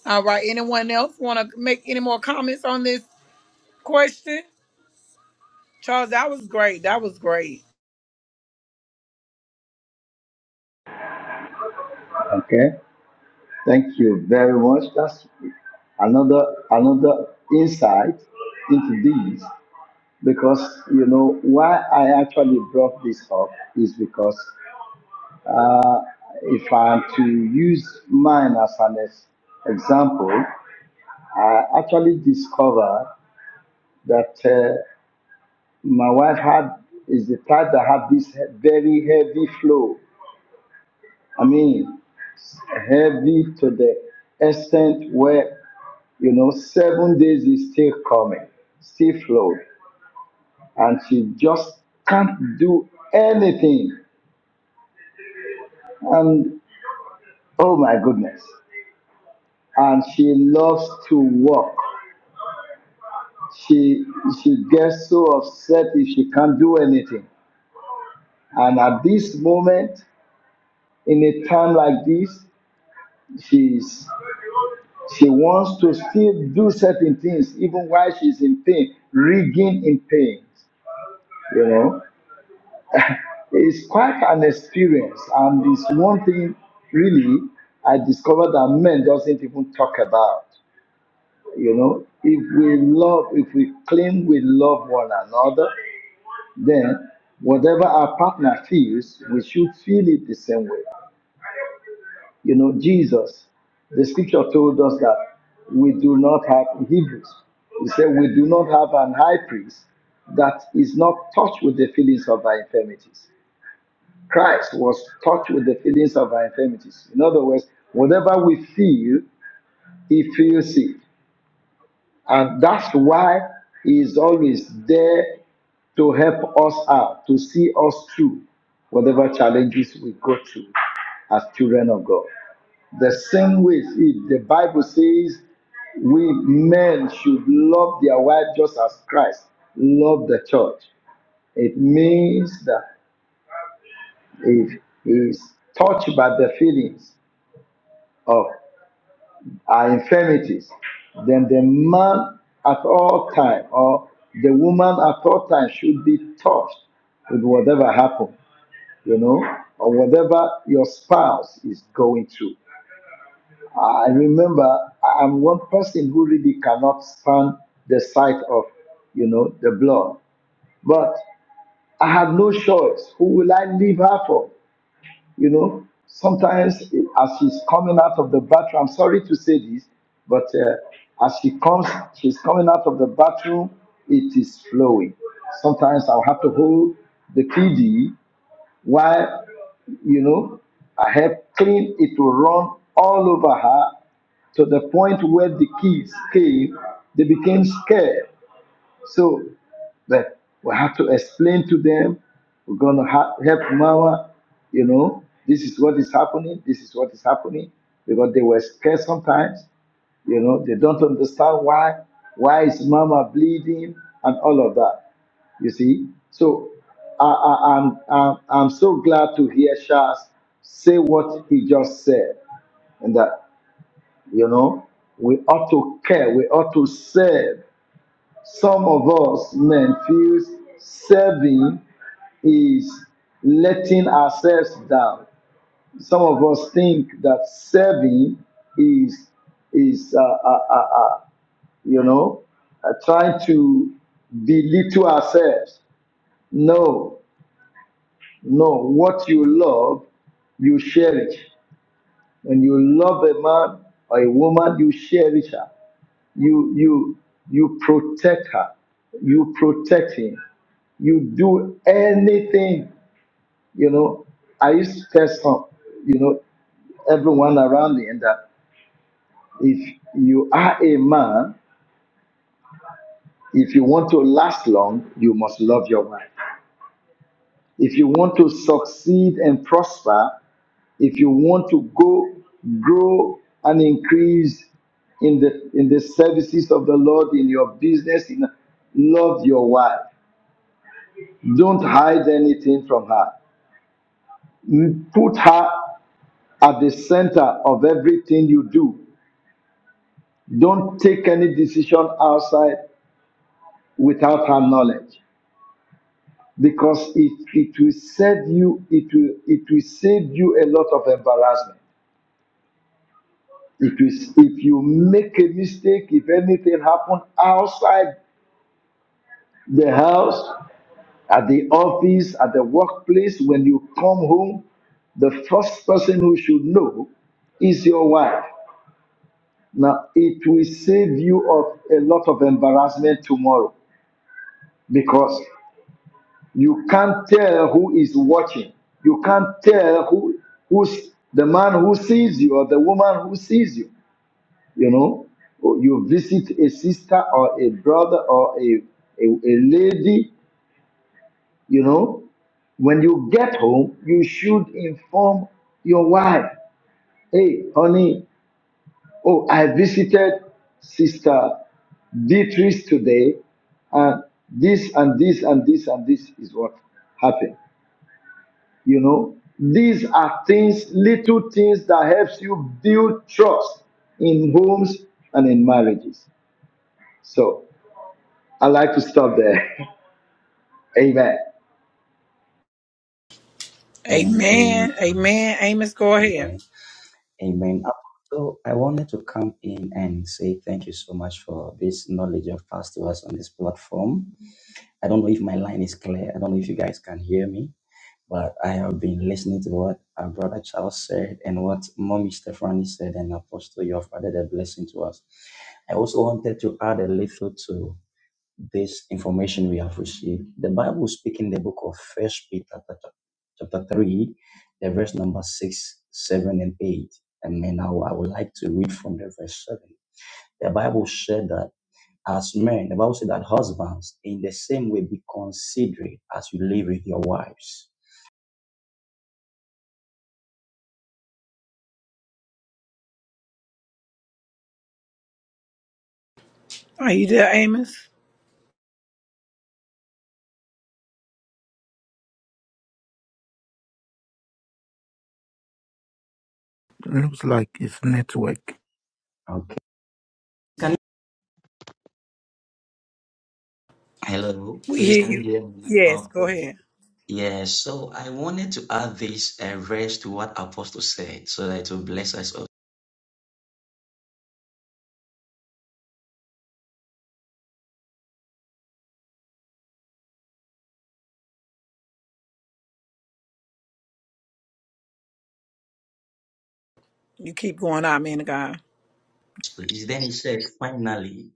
All right. Anyone else want to make any more comments on this question? Charles, that was great. That was great. Okay. Thank you very much. That's another another insight into this because you know why I actually brought this up is because uh, if I'm to use mine as an ex- example, I actually discovered that uh, my wife had is the type that had this he- very heavy flow I mean, heavy to the extent where, you know, seven days is still coming, still flowing, and she just can't do anything. And oh my goodness. And she loves to work. She she gets so upset if she can't do anything. And at this moment, in a time like this, she's She wants to still do certain things even while she's in pain, rigging in pain. You know, it's quite an experience, and it's one thing really I discovered that men doesn't even talk about. You know, if we love, if we claim we love one another, then whatever our partner feels, we should feel it the same way. You know, Jesus, the scripture told us that we do not have in Hebrews. He said we do not have an high priest that is not touched with the feelings of our infirmities. Christ was touched with the feelings of our infirmities. In other words, whatever we feel, he feels it. And that's why he is always there to help us out, to see us through whatever challenges we go through as children of God. The same way, see, the Bible says we men should love their wife just as Christ loved the church. It means that if he is touched by the feelings of our infirmities, then the man at all time or the woman at all time should be touched with whatever happened, you know, or whatever your spouse is going through. I remember I- am one person who really cannot stand the sight of, you know, the blood. But I have no choice. Who will I leave her for? You know, sometimes eh, as she's coming out of the bathroom, I'm sorry to say this, but uh, as she comes, she's coming out of the bathroom, it is flowing. Sometimes I'll have to hold the PD while you know I have cleaned it to run all over her to the point where the kids came, they became scared. So that we have to explain to them, we're gonna ha- help mama, you know, this is what is happening, this is what is happening, because they were scared sometimes, you know, they don't understand why, why is mama bleeding and all of that. You see, so I, I, I'm, I'm I'm so glad to hear Charles say what he just said, and that you know we ought to care, we ought to serve. Some of us men feels serving is letting ourselves down. Some of us think that serving is is uh, uh, uh, uh, you know uh, trying to belittle ourselves. No, No, what you love, you cherish. When you love a man or a woman, you cherish her. You you you protect her. You protect him. You do anything. You know, I used to tell some, you know, everyone around me and that if you are a man, if you want to last long, you must love your wife. If you want to succeed and prosper, If you want to go grow and increase in the in the services of the Lord in your business, in love your wife. Don't hide anything from her. Put her at the center of everything you do. Don't take any decision outside without her knowledge because it, it will save you it will it will save you a lot of embarrassment if you, if you make a mistake, if anything happen outside the house, at the office, at the workplace, when you come home, the first person who should know is your wife. Now, it will save you of a lot of embarrassment tomorrow because you can't tell who is watching. You can't tell who who's the man who sees you or the woman who sees you. You know, you visit a sister or a brother or a, a, a lady You know, when you get home, you should inform your wife, hey, honey, oh, I visited Sister Beatrice today, and this and this and this and this is what happened. You know, these are things, little things that helps you build trust in homes and in marriages. So I like to stop there. Amen. Amen. Amen. Amen. Amen. Amos, go ahead. Amen. Amen. So I wanted to come in and say thank you so much for this knowledge of pastors on this platform. I don't know if my line is clear. I don't know if you guys can hear me, but I have been listening to what our brother Charles said and what Mommy Stephanie said, and Apostle, you have added a blessing to us. I also wanted to add a little to this information we have received. The Bible speaks in the book of First Peter chapter chapter three, the verse number six, seven, and eight. And then now I would like to read from the verse seven. The Bible said that as men, the Bible said that husbands in the same way be considerate as you live with your wives. Are you there, Amos? Looks like it's network. Okay. Can hello, We please hear can you you. hear me? Yes, go Okay. ahead. Yes, so I wanted to add this uh, verse to what Apostle said so that it will bless us all. You keep going out, man of God. please. Then he said, finally,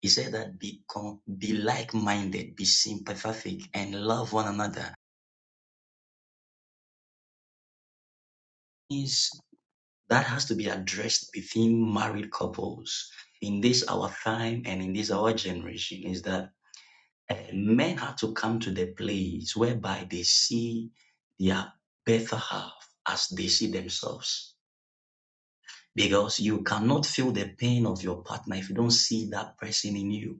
he said that be, com- be like-minded, be sympathetic, and love one another. Is that has to be addressed within married couples in this our time and in this our generation is that eh, men have to come to the place whereby they see their better half as they see themselves. Because you cannot feel the pain of your partner if you don't see that person in you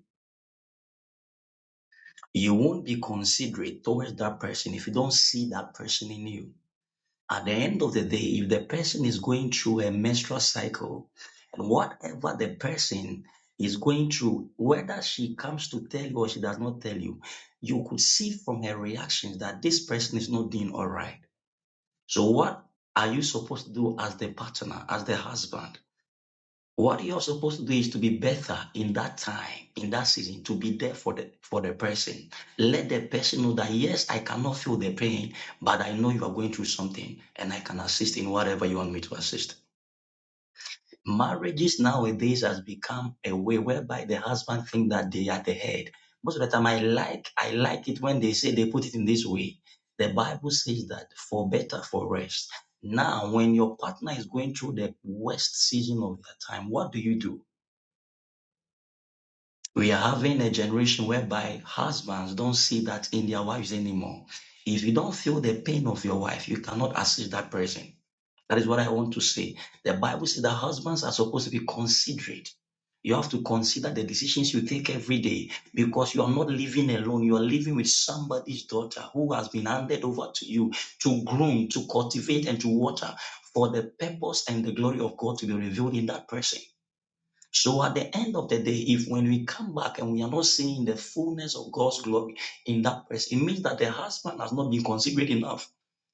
You won't be considerate towards that person if you don't see that person in you. At the end of the day, if the person is going through a menstrual cycle and whatever the person is going through, whether she comes to tell you or she does not tell you, you could see from her reactions that this person is not doing all right. So, what are you supposed to do as the partner, as the husband? What you're supposed to do is to be better in that time, in that season, to be there for the for the person. Let the person know that yes, I cannot feel the pain, but I know you are going through something, and I can assist in whatever you want me to assist. Marriages nowadays has become a way whereby the husband think that they are the head. Most of the time, I like I like it when they say they put it in this way. The Bible says that for better, for rest. Now, when your partner is going through the worst season of their time, what do you do? We are having a generation whereby husbands don't see that in their wives anymore. If you don't feel the pain of your wife, you cannot assist that person. That is what I want to say. The Bible says that husbands are supposed to be considerate. You have to consider the decisions you take every day because you are not living alone. You are living with somebody's daughter who has been handed over to you to groom, to cultivate, and to water for the purpose and the glory of God to be revealed in that person. So at the end of the day, if when we come back and we are not seeing the fullness of God's glory in that person, it means that the husband has not been considerate enough,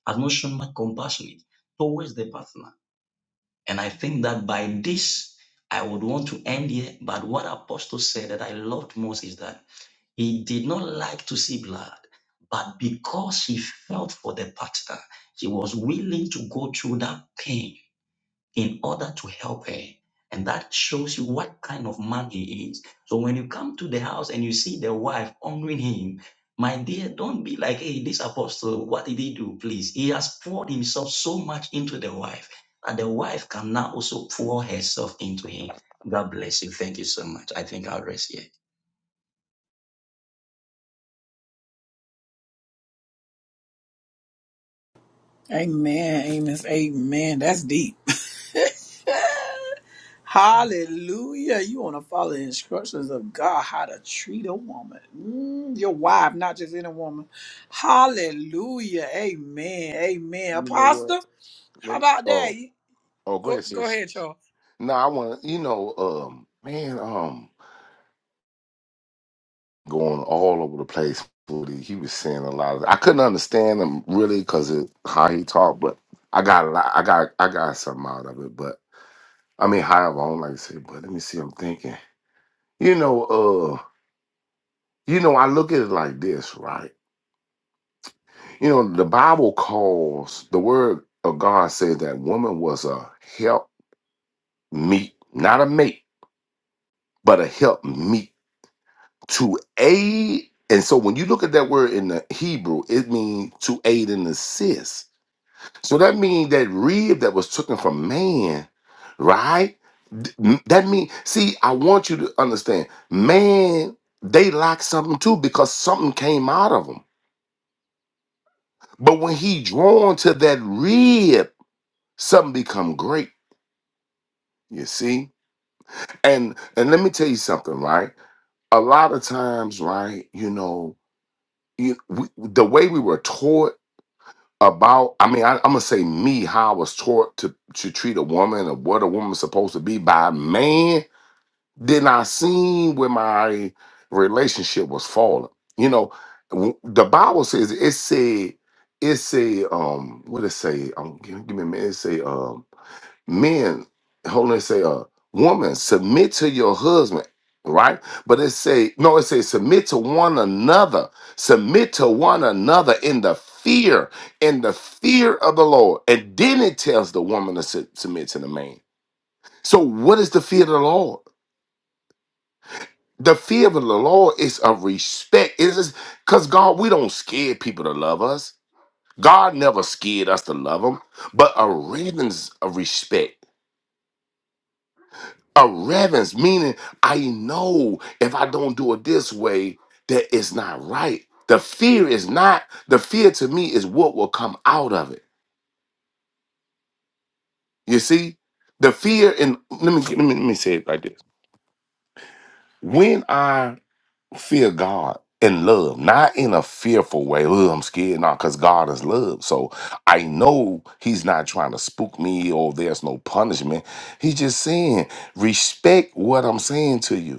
has not shown much compassionate towards the partner. And I think that by this, I would want to end here. But what Apostle said that I loved most is that he did not like to see blood, but because he felt for the partner, he was willing to go through that pain in order to help her. And that shows you what kind of man he is. So when you come to the house and you see the wife honoring him, my dear, don't be like, hey, this apostle, what did he do? Please. He has poured himself so much into the wife that the wife can now also pour herself into him. God bless you. Thank you so much. I think I'll rest here. Amen. Amos. Amen. That's deep. Hallelujah. You want to follow the instructions of God how to treat a woman. Mm, your wife, not just any woman. Hallelujah. Amen. Amen. You know what? Apostle, how Let me about that? oh You- oh go Go, ahead, go sis. ahead, y'all. No, I want you know, um, man, um, going all over the place. with it. He was saying a lot of. I couldn't understand him really because of how he talked, but I got a lot. I got I got something out of it. But I mean, however, I don't like to say. But let me see. I'm thinking. You know, uh, You know, I look at it like this, right? You know, the Bible calls the word of God said that woman was a help meet, not a mate, but a help meet to aid. And so when you look at that word in the Hebrew, it means to aid and assist. So that means that rib that was taken from man, right? Th- That means, see, I want you to understand, man, they lack something too because something came out of them But when he drawn to that rib, something become great. You see? And and let me tell you something, right? A lot of times, right, you know, you, we, the way we were taught about, I mean, I, I'm gonna say me, how I was taught to to treat a woman or what a woman's supposed to be by a man, then I seen where my relationship was falling. You know, w- the Bible says it said it say um what it say um give, give me a minute it say um men hold on it say uh woman submit to your husband right but it say no it say submit to one another submit to one another in the fear in the fear of the lord and then it tells the woman to su- submit to the man so what is the fear of the lord the fear of the lord is a respect it is because god we don't scare people to love us god never scared us to love him but a reverence of respect a reverence, meaning I know if I don't do it this way, that it's not right. The fear is not, the fear to me is what will come out of it. You see? The fear, and let me, let me, let me say it like this. When I fear God in love, not in a fearful way, oh, I'm scared, not because God is love. So I know He's not trying to spook me or there's no punishment. He's just saying, respect what I'm saying to you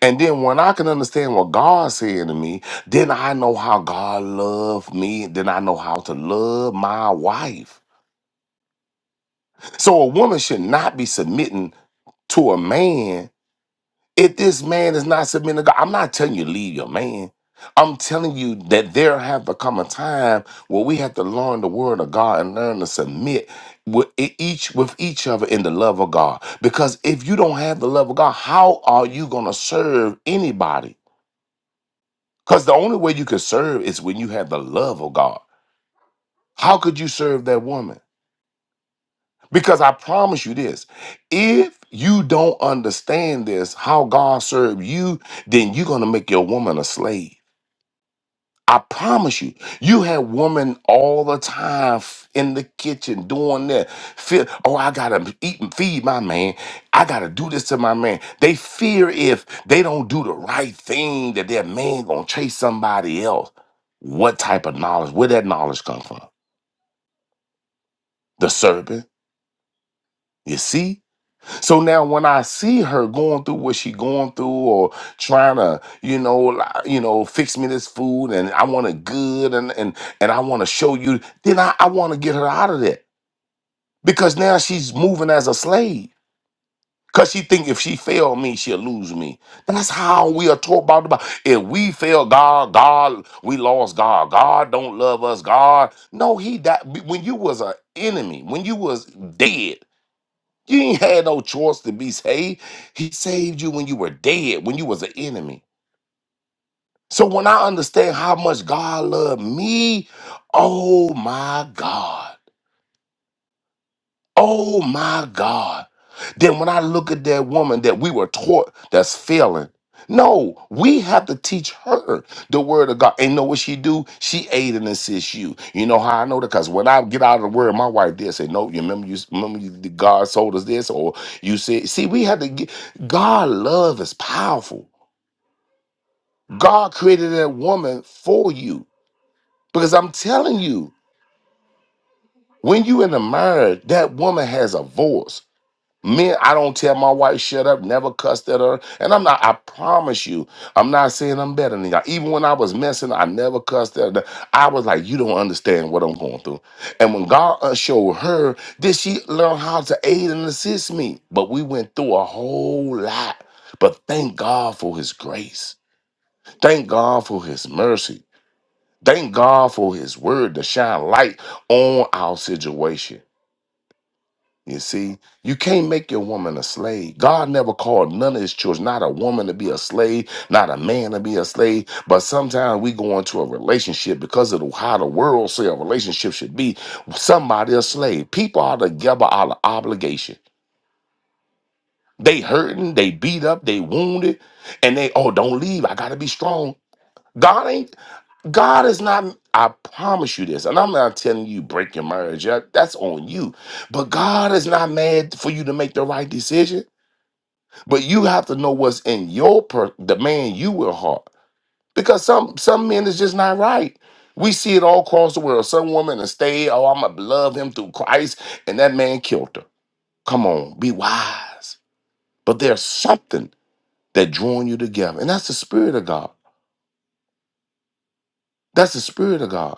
And then when I can understand what God said to me, then I know how God loved me. Then I know how to love my wife. So a woman should not be submitting to a man if this man is not submitting to God. I'm not telling you leave your man. I'm telling you that there have become a time where we have to learn the word of God and learn to submit with e- each with each other in the love of God. Because if you don't have the love of God, how are you going to serve anybody? Because the only way you can serve is when you have the love of God. How could you serve that woman? Because I promise you this if you don't understand this, how God served you, then you're going to make your woman a slave. I promise you, you had women all the time f- in the kitchen doing that. Fear, oh, I gotta eat and feed my man. I gotta do this to my man. They fear if they don't do the right thing that their man gonna chase somebody else. What type of knowledge? Where that knowledge come from? The serpent. You see, So now when I see her going through what she going through or trying to, you know, li- you know, fix me this food and I want it good and and and I want to show you, then I, I want to get her out of that. Because now she's moving as a slave. Cause she think if she fail me, she'll lose me. That's how we are taught about the Bible. If we fail God, God, we lost God. God don't love us. God, no, He died when you was an enemy, when you was dead. You ain't had no choice to be saved. He saved you when you were dead, when you was an enemy. So when I understand how much God loved me, oh my God. Oh my God. Then when I look at that woman that we were taught that's failing, no, we have to teach her the word of God. And know what she do? She aid and assist you. You know how I know that? Because when I get out of the word, my wife did say, No, you remember you remember you, God told us this, or you said, see, we had to get God love is powerful. God created that woman for you. Because I'm telling you, when you in a marriage, that woman has a voice. Me, I don't tell my wife shut up, never cussed at her. And I'm not, I promise you, I'm not saying I'm better than y'all. Even when I was messing, I never cussed at her. I was like, you don't understand what I'm going through. And when God uh, showed her, did she learn how to aid and assist me? But we went through a whole lot. But thank God for his grace. Thank God for his mercy. Thank God for his word to shine light on our situation. You see, you can't make your woman a slave. God never called none of his children, not a woman to be a slave, not a man to be a slave. But sometimes we go into a relationship because of the, how the world say a relationship should be. Somebody a slave. People are together out of obligation. They hurting, they beat up, they wounded, and they, oh, don't leave. I gotta be strong. God ain't God is not, I promise you this, and I'm not telling you break your marriage. yeah, That's on you. But God is not mad for you to make the right decision. But you have to know what's in your per the man you will heart. Because some some men is just not right. We see it all across the world. Some woman will stay, oh, I'ma love him through Christ, and that man killed her. Come on, be wise. But there's something that drawing you together, and that's the spirit of God. That's the spirit of God.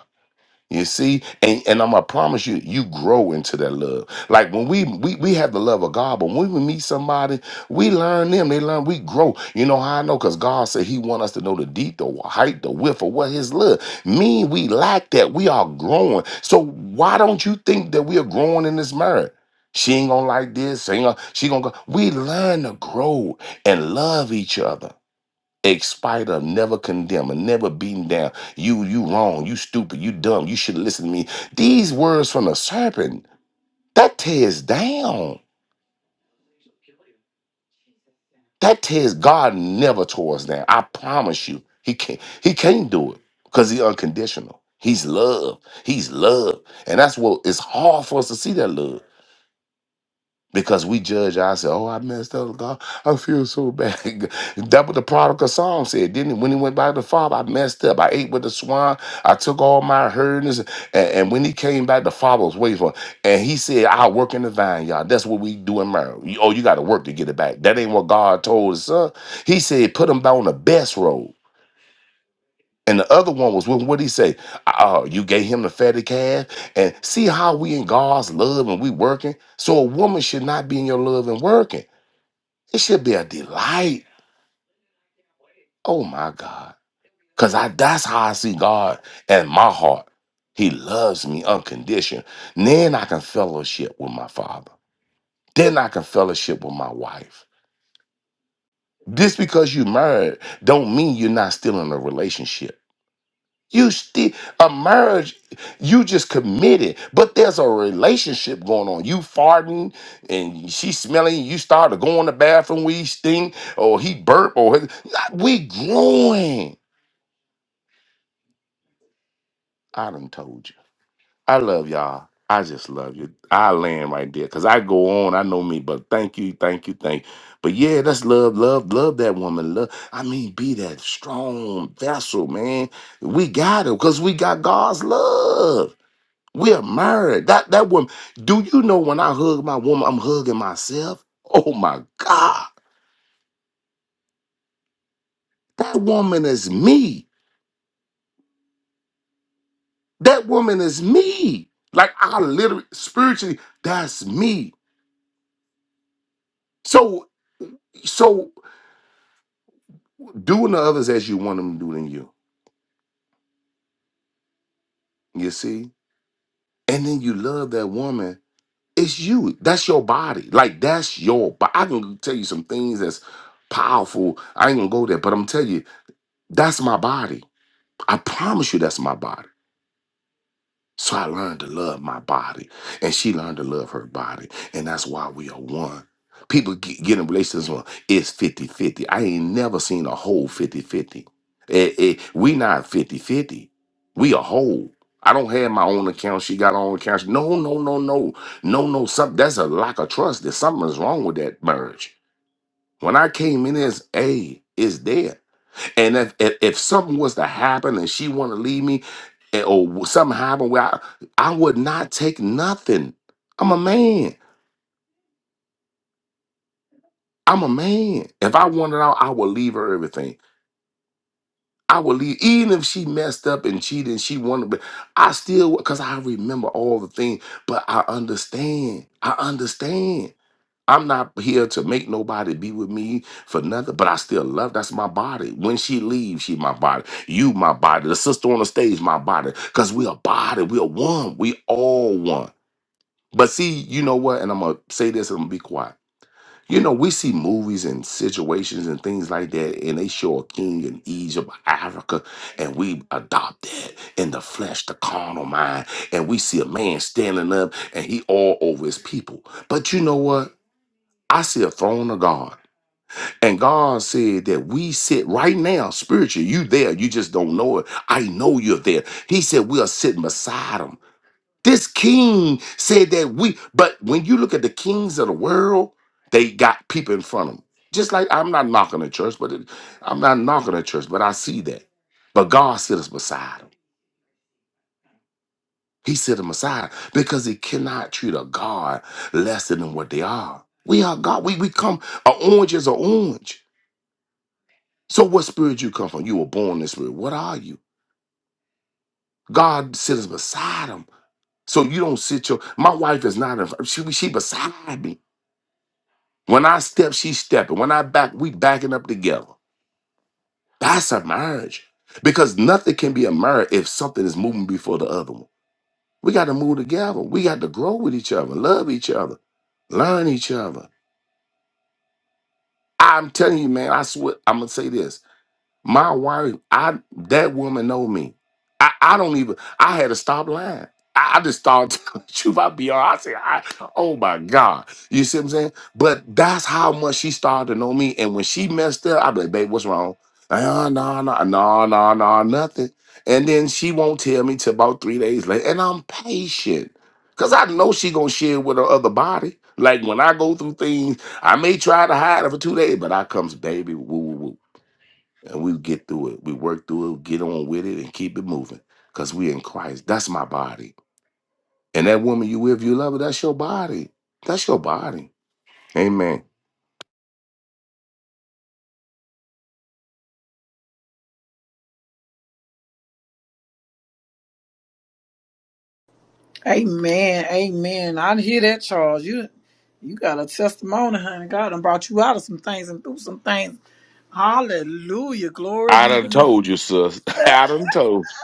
You see, and, and I'm gonna promise you, you grow into that love. Like when we, we we have the love of God, but when we meet somebody, we learn them. They learn. We grow. You know how I know? Cause God said He want us to know the deep, the height, the width of what His love. Me, we lack that. We are growing. So why don't you think that we are growing in this marriage? She ain't gonna like this. She ain't gonna, she gonna go. We learn to grow and love each other. Expite of, never condemn, and never beaten down. You, you wrong, you stupid, you dumb, you should listen to me. These words from the serpent, that tears down. That tears God never tore us down. I promise you. He can't he can't do it because he's unconditional. He's love. He's love. And that's what it's hard for us to see that love. because we judge ourselves. Oh, I messed up, God. I feel so bad. That what the prodigal son said, didn't it? When he went back to the father, I messed up. I ate with the swine. I took all my herdings. And, and when he came back, the father was waiting for him. And he said, I'll work in the vine, y'all. That's what we do in marriage. You- Oh, you got to work to get it back. That ain't what God told his son. He said, put him on the best road. And the other one was, what did he say? Oh, you gave him the fatty calf. And see how we in God's love and we working. So a woman should not be in your love and working. It should be a delight. Oh my God. Cause I that's how I see God and my heart. He loves me unconditional. Then I can fellowship with my father. Then I can fellowship with my wife. Just because you married don't mean you're not still in a relationship You still a marriage, you just committed, but there's a relationship going on. You farting and she smelling, you start to go in the bathroom, we stink, or he burp, or his- we growing. I done told you. I love y'all. I just love you. I land right there. Cause I go on, I know me, but thank you, thank you, thank you. But yeah, that's love, love, love that woman. Love, I mean, be that strong vessel, man. We got it, because we got God's love. We are married. That that woman. Do you know when I hug my woman, I'm hugging myself? Oh my God. That woman is me. That woman is me. Like I literally spiritually, that's me. So so doing to others as you want them to do to you. You see? And then you love that woman. It's you. That's your body. Like that's your body. I can tell you some things that's powerful. I ain't gonna go there, but I'm telling you, that's my body. I promise you that's my body. So I learned to love my body, and she learned to love her body, and that's why we are one. People get, get in relationships well, it's fifty-fifty. I ain't never seen a whole 50 50. Eh, eh, we not fifty-fifty. We a whole. I don't have my own account. She got her own account. No, no, no, no. No, no. Some, that's a lack of trust. There's something's wrong with that marriage. When I came in, it's, hey, it's there. And if, if if something was to happen and she want to leave me, and- or something happened where I, I would not take nothing. I'm a man. I'm a man. If I wanted out, I would leave her everything. I would leave, even if she messed up and cheated and she wanted, but I still, because I remember all the things, but I understand. I understand. I'm not here to make nobody be with me for nothing, but I still love. That's my body. When she leaves, she my body. You my body. The sister on the stage, my body. Cause we a body. We are one. We all one. But see, you know what? And I'm gonna say this and I'm gonna be quiet. You know, we see movies and situations and things like that, and they show a king in Egypt, Africa, and we adopt that in the flesh, the carnal mind, and we see a man standing up and he all over his people. But you know what? I see a throne of God. And God said that we sit right now, spiritually, you there, you just don't know it. I know you're there. He said we are sitting beside him. This king said that we, but when you look at the kings of the world, they got people in front of them. Just like I'm not knocking the church, but it, I'm not knocking the church, but I see that. But God sits beside him. He sit him because he cannot treat a God lesser than what they are. We are God. We, we come, an orange is an orange. So what spirit you come from? You were born in the spirit. What are you? God sits beside him. So you don't sit your my wife is not in she she beside me. When I step, she stepping. When I back, we backing up together. That's a marriage. Because nothing can be a marriage if something is moving before the other one. We got to move together. We got to grow with each other, love each other, learn each other. I'm telling you, man, I swear, I'm gonna say this. My wife, I that woman know me. I, I don't even. I had to stop lying. I, I just started telling the truth. I be all. I say, I, "Oh my God," you see what I'm saying? But that's how much she started to know me. And when she messed up, I be like, "Babe, what's wrong?" No, no, no, no, no, no, nothing. And then she won't tell me till about three days later. And I'm patient because I know she gonna share with her other body. Like when I go through things, I may try to hide it for two days, but I comes, baby. Woo, woo, woo and we get through it. We work through it, get on with it, and keep it moving because we in Christ. That's my body. And that woman you with, you love her, that's your body. That's your body. Amen. Amen. Amen. I hear that, Charles. You you got a testimony, honey. God done brought you out of some things and through some things. Hallelujah. Glory I be done the name. told you, sis. I done told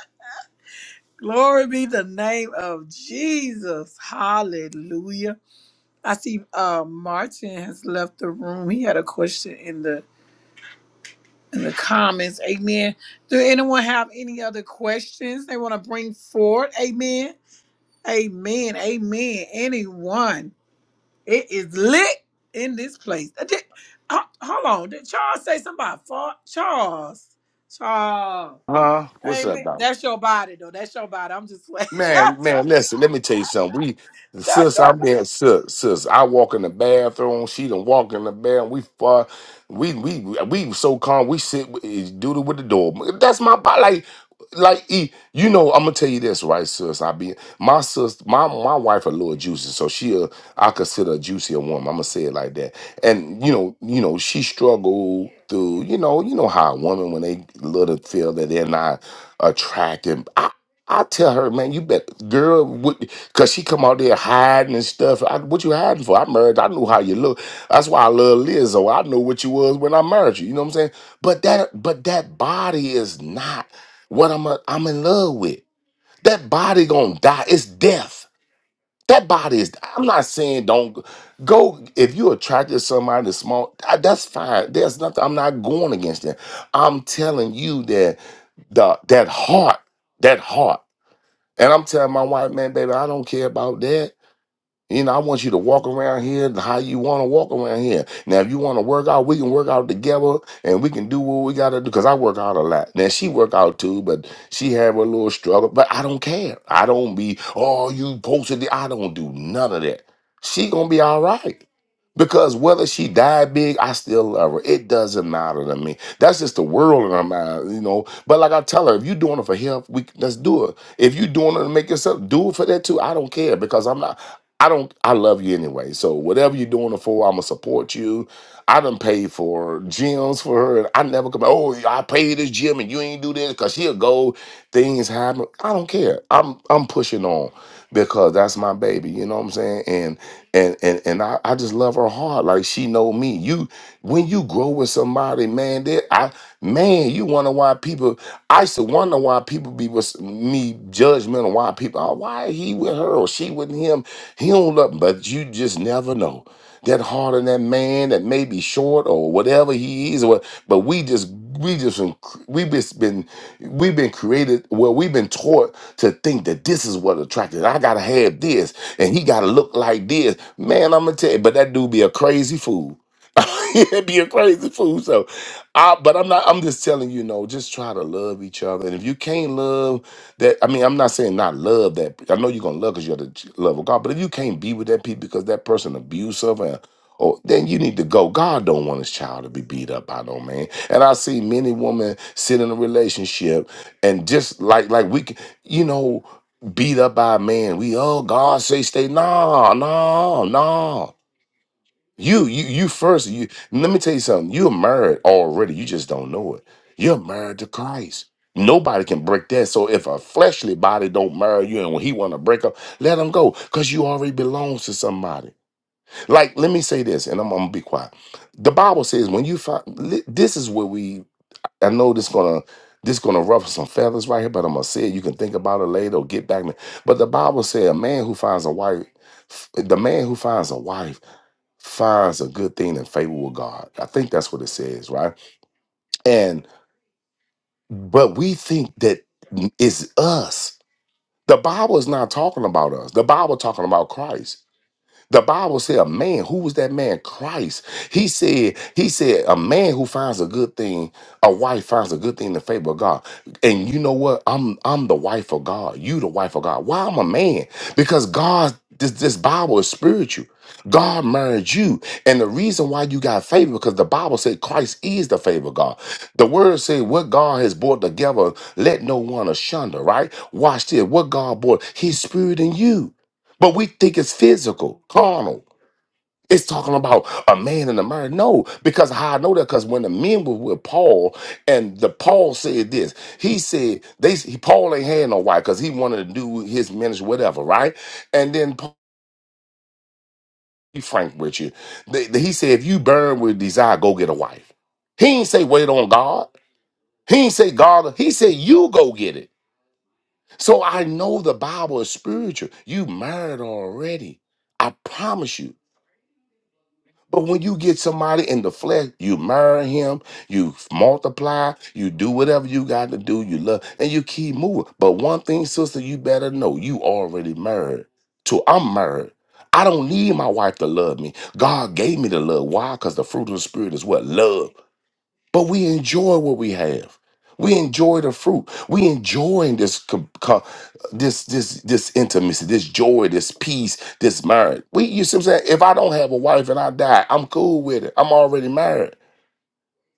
Glory be the name of Jesus. Hallelujah. I see uh Martin has left the room. He had a question in the in the comments. Amen. Do anyone have any other questions they want to bring forward? Amen. Amen. Amen. Anyone? It is lit in this place. Uh, did- ho- hold on. Did Charles say something about fart? Charles. Charles. you. Huh? What's up, Amen. Doc? That's your body, though. That's your body. I'm just like, Man, that's your, man, listen, let me tell you something. We that's sis, your I'm being sis, sis. I walk in the bathroom, she done walk in the bathroom. We fuck. we we we so calm, we sit with- is duty with the door. That's my part. Like like e- you know, I'm gonna tell you this, right, sis. I be my sis, my my wife a little juicy, so she a, I consider a juicier woman. I'm gonna say it like that. And you know, you know, she struggled through, you know, you know how a woman when they little feel that they're not attractive. I tell her, man, you better, girl, what, cause she come out there hiding and stuff. I, what you hiding for? I married. I knew how you look. That's why I love Lizzo. I know what you was when I married you. You know what I'm saying? But that, but that body is not what I'm. A, I'm in love with. That body gonna die. It's death. That body is. I'm not saying don't go. go- If you attracted to somebody that's small, I- that's fine. There's nothing. I'm not going against that. I'm telling you that the that heart, that heart. And I'm telling my wife, man, baby, I don't care about that. You know, I want you to walk around here how you want to walk around here. Now, if you want to work out, we can work out together and we can do what we got to do because I work out a lot. Now, she work out too, but she have a little struggle, but I don't care. I don't be, oh, you posted it. I don't do none of that. She going to be all right because whether she died big, I still love her. It doesn't matter to me. That's just the world in her mind, you know. But like I tell her, if you're doing it for health, we let's do it. If you're doing it to make yourself, do it for that too. I don't care because I'm not. I don't. I love you anyway. So whatever you're doing it for, I'ma support you. I done paid for gyms for her, and I never come. Oh, I paid this gym, and you ain't do this because she'll go. Things happen. I don't care. I'm I'm pushing on because that's my baby. You know what I'm saying? And and and and I, I just love her heart. Like she know me. You when you grow with somebody, man, that I man, you wonder why people I used to wonder why people be with me judgmental, why people, oh, why he with her or she with him. He don't love, but you just never know that heart of that man that may be short or whatever he is or what, but we just we just been- we just been we've been created well we've been taught to think that this is what attracted i gotta have this and he gotta look like this man i'm gonna tell you but that dude be a crazy fool It'd be a crazy fool. So, I, but I'm not. I'm just telling you, know, Just try to love each other, and if you can't love that, I mean, I'm not saying not love that. I know you're gonna love because you're the ch- love of God. But if you can't be with that people because that person abusive, and or then you need to go. God don't want His child to be beat up by no man. And I see many women sit in a relationship and just like like we, c- you know, beat up by a man. We oh God say stay no no no. You, you, you first. You let me tell you something. You're married already. You just don't know it. You're married to Christ. Nobody can break that. So if a fleshly body don't marry you, and when he want to break up, let him go, cause you already belongs to somebody. Like, let me say this, and I'm, I'm gonna be quiet. The Bible says when you find this is where we. I know this gonna this gonna ruffle some feathers right here, but I'm gonna say it. You can think about it later or get back. to me. But the Bible says a man who finds a wife, the man who finds a wife finds a good thing in favor with God. I think that's what it says, right? And but we think that it's us. The Bible is not talking about us. The Bible talking about Christ. The Bible said a man, who was that man? Christ. He said, he said, a man who finds a good thing, a wife finds a good thing in the favor of God. And you know what? I'm I'm the wife of God. You the wife of God. Why I'm a man? Because God, this, this Bible is spiritual. God married you. And the reason why you got favor, because the Bible said Christ is the favor of God. The word said, what God has brought together, let no one asunder, right? Watch this. What God brought, his spirit in you. But we think it's physical, carnal. It's talking about a man and a man. No, because how I know that because when the men were with Paul, and the Paul said this, he said they he, Paul ain't had no wife because he wanted to do his ministry, whatever, right? And then Paul, be frank with you, they, they- he said if you burn with desire, go get a wife. He ain't say wait on God. He ain't say God. He said you go get it. So I know the Bible is spiritual. You married already. I promise you. But when you get somebody in the flesh, you marry him, you multiply, you do whatever you got to do, you love, and you keep moving. But one thing, sister, you better know you already married. To I'm married. I don't need my wife to love me. God gave me the love. Why? Because the fruit of the spirit is what? Love but we enjoy what we have. We enjoy the fruit. We enjoy this co- co- this this this intimacy, this joy, this peace, this marriage. We, you see what I'm saying? If I don't have a wife and I die, I'm cool with it. I'm already married.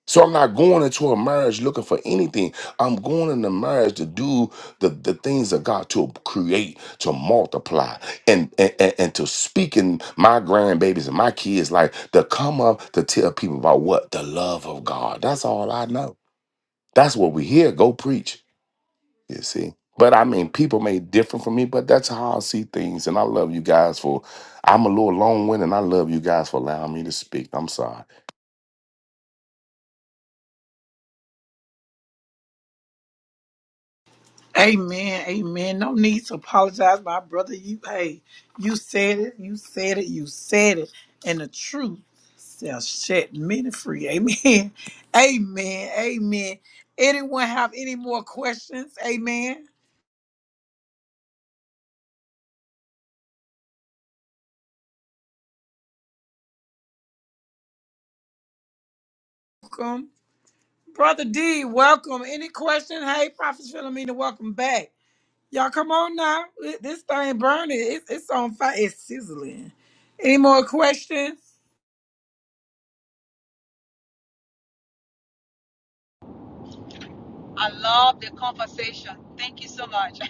So I'm not going into a marriage looking for anything. I'm going into marriage to do the, the things of God to create, to multiply, and, and, and, and to speak in my grandbabies and my kids' life to come up to tell people about what? The love of God. That's all I know. That's what we hear. Go preach, you see. But I mean, people may differ from me, but that's how I see things. And I love you guys for, I'm a little long winded, and I love you guys for allowing me to speak. I'm sorry. body. Amen. Amen. No need to apologize, my brother. You, hey, you said it. You said it. You said it. And the truth shall set many free. Amen. Amen. Amen. Anyone have any more questions? Amen. Welcome. Brother D, welcome. Any question? Hey, Prophet Philomena, welcome back. Y'all come on now. Th- This thing burning. It's, it's on fire. It's sizzling. Any more questions? I love the conversation. Thank you so much.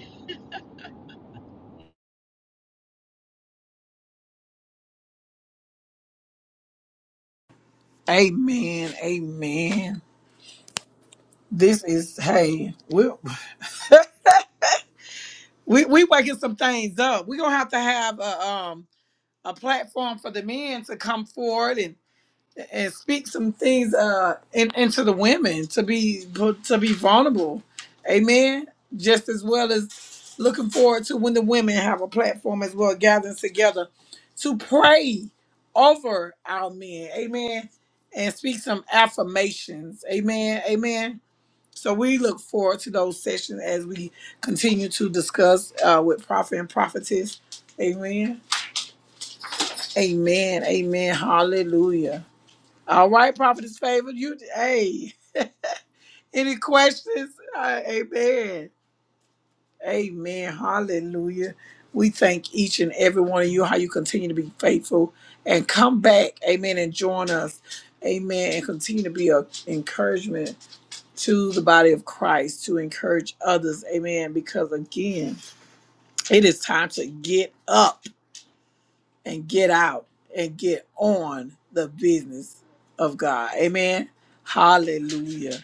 Amen. Amen. This is hey, we we we waking some things up. We're gonna have to have a um a platform for the men to come forward and. and speak some things uh in, into the women to be to be vulnerable amen just as well as looking forward to when the women have a platform as well gathering together to pray over our men amen and speak some affirmations amen amen so we look forward to those sessions as we continue to discuss uh, with prophet and prophetess amen amen amen hallelujah all right, prophetess favor. You hey. Any questions? Uh, amen. Amen. Hallelujah. We thank each and every one of you how you continue to be faithful and come back. Amen. And join us. Amen. And continue to be an encouragement to the body of Christ to encourage others. Amen. Because again, it is time to get up. and get out and get on the business of God. Amen. Hallelujah.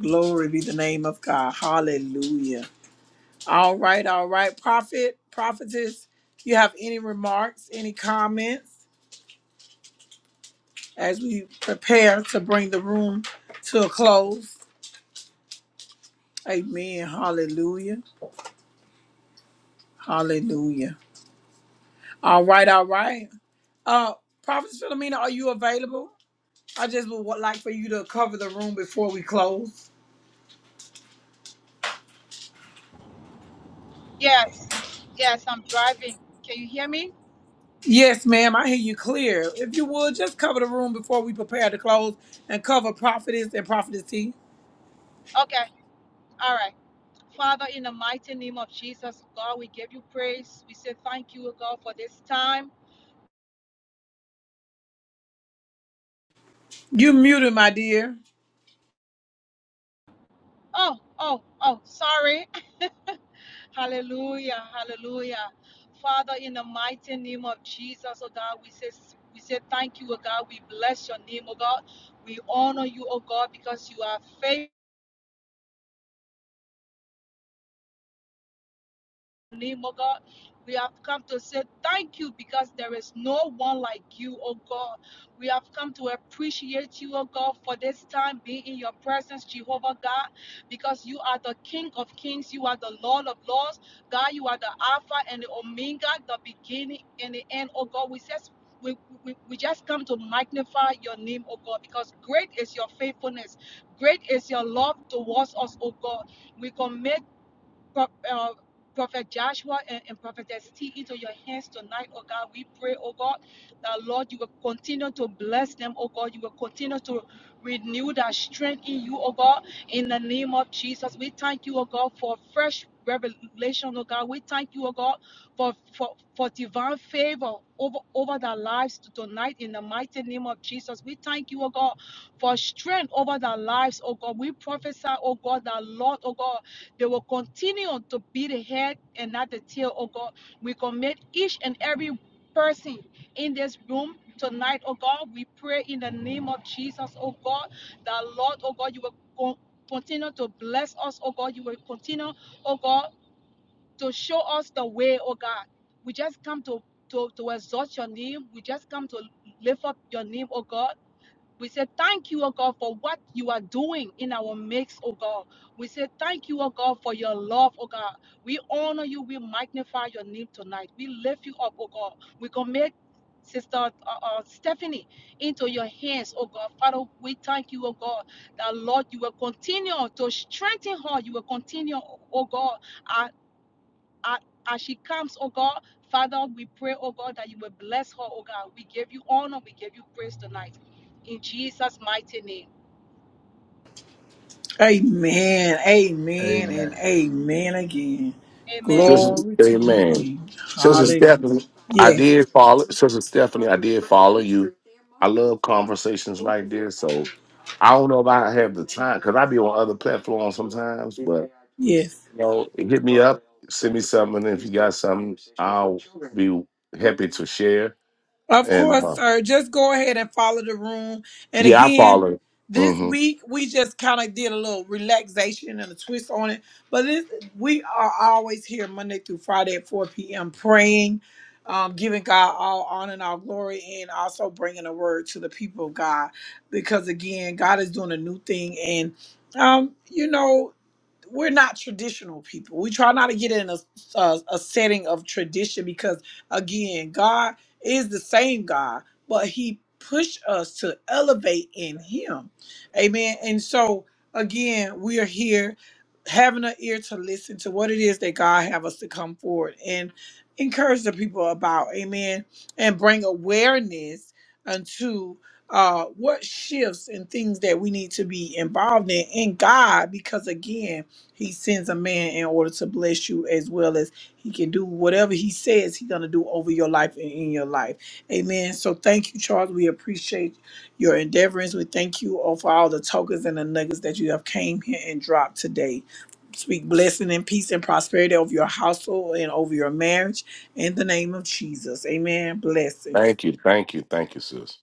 Glory be the name of God. Hallelujah. All right, all right. Prophet, prophetess, you have any remarks, any comments as we prepare to bring the room to a close? Amen. Hallelujah. Hallelujah. All right, all right. Uh, Prophet Philomena, are you available? I just would wa- like for you to cover the room before we close. Yes, yes, I'm driving. Can you hear me? Yes, ma'am. I hear you clear. If you would, just cover the room before we prepare to close and cover prophetess and prophetess T. Okay, all right. Father, in the mighty name of Jesus, God, we give you praise. We say thank you, God, for this time. You muted, my dear. Oh, oh, oh, sorry. Hallelujah, hallelujah. Father, in the mighty name of Jesus, oh God, we say we say thank you, oh God. We bless your name, oh God. We honor you, oh God, because you are faithful. name, oh God. We have come to say thank you because there is no one like you, oh God. We have come to appreciate you, oh God, for this time being in your presence, Jehovah God, because you are the King of kings, you are the Lord of lords. God, you are the Alpha and the Omega, the beginning and the end, oh God. We just we, we, we just come to magnify your name, oh God, because great is your faithfulness. Great is your love towards us, oh God. We commit Pro- uh, Prophet Joshua and, and Prophetess T into your hands tonight, oh God. We pray, oh God, that Lord, you will continue to bless them, oh God. You will continue to renew that strength in you, oh God. In the name of Jesus, we thank you, oh God, for fresh revelation, oh God. We thank you, oh God, for for, for divine favor over over their lives tonight. In the mighty name of Jesus, we thank you, oh God, for strength over their lives, oh God. We prophesy, oh God, that Lord, oh God. They will continue to be the head and not the tail, oh God. We commit each and every person in this room tonight, oh God. We pray in the name of Jesus, oh God, that Lord, oh God, you will continue to bless us, oh God. You will continue, oh God, to show us the way, oh God. We just come to to, to exalt your name. We just come to lift up your name, oh God. We say thank you, O God, for what you are doing in our midst, O God. We say thank you, O God, for your love, O God. We honor you. We magnify your name tonight. We lift you up, O God. We commit Sister uh, uh, Stephanie into your hands, oh God. Father, we thank you, oh God, that Lord, you will continue to strengthen her. You will continue, oh God, uh, uh, as she comes, oh God, Father, we pray, oh God, that you will bless her, oh God. We give you honor, we give you praise tonight. In Jesus' mighty name. Amen. Amen and amen again. Amen. Sister, Glory to your amen. name. Sister Hallelujah. Stephanie, I Yes. did follow. Sister Stephanie, I did follow you. I love conversations like this. So I don't know if I have the time because I be on other platforms sometimes. But Yes. you know, hit me up, send me something. If you got something, I'll be happy to share. Of And course, uh, sir. Just go ahead and follow the room. And yeah, I again, follow. this Mm-hmm. week we just kind of did a little relaxation and a twist on it. But this we are always here Monday through Friday at 4 p.m. praying, um, giving God all honor and all glory, and also bringing a word to the people of God. Because again, God is doing a new thing, and um, you know, we're not traditional people. We try not to get in a, a, a setting of tradition because, again, God is the same God, but He pushed us to elevate in Him. Amen. And so again, we are here having an ear to listen to what it is that God have us to come forward and encourage the people about. Amen. And bring awareness unto uh what shifts and things that we need to be involved in in God because again he sends a man in order to bless you as well as he can do whatever he says he's gonna do over your life and in your life. Amen. So thank you, Charles. We appreciate your endeavorings. We thank you all for all the tokens and the nuggets that you have came here and dropped today. Speak blessing and peace and prosperity over your household and over your marriage in the name of Jesus. Amen. Blessing. Thank you, thank you, thank you, sis.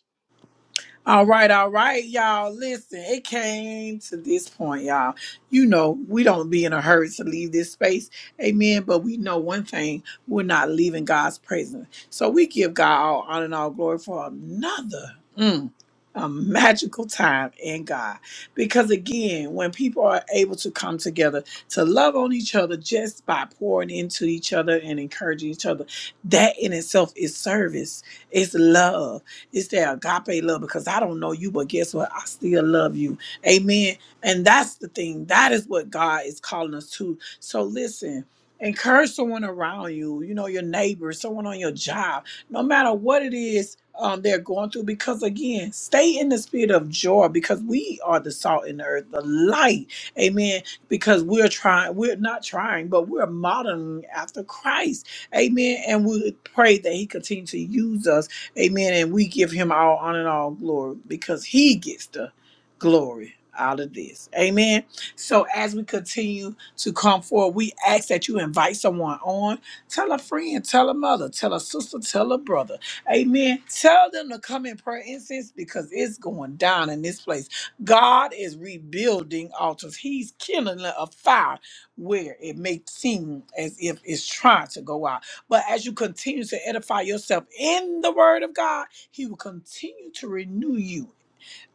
All right, all right, y'all. Listen, it came to this point, y'all. You know, we don't be in a hurry to leave this space. Amen. But we know one thing we're not leaving God's presence. So we give God all honor and all glory for another. mm, A magical time in God. Because again, when people are able to come together to love on each other just by pouring into each other and encouraging each other, that in itself is service, it's love it's that agape love because I don't know you, but guess what? I still love you. Amen. And that's the thing. That is what God is calling us to. So listen. Encourage someone around you, you know, your neighbor, someone on your job, no matter what it is um, they're going through. Because again, stay in the spirit of joy because we are the salt in the earth, the light. Amen. Because we're trying, we're not trying, but we're modeling after Christ. Amen. And we pray that He continue to use us Amen. And we give him all honor and all glory because he gets the glory out of this. Amen. So as we continue to come forward, we ask that you invite someone on. Tell a friend, tell a mother, tell a sister, tell a brother. Amen. Tell them to come in prayer incense because it's going down in this place. God is rebuilding altars. He's kindling a fire where it may seem as if it's trying to go out. But as you continue to edify yourself in the word of God, he will continue to renew you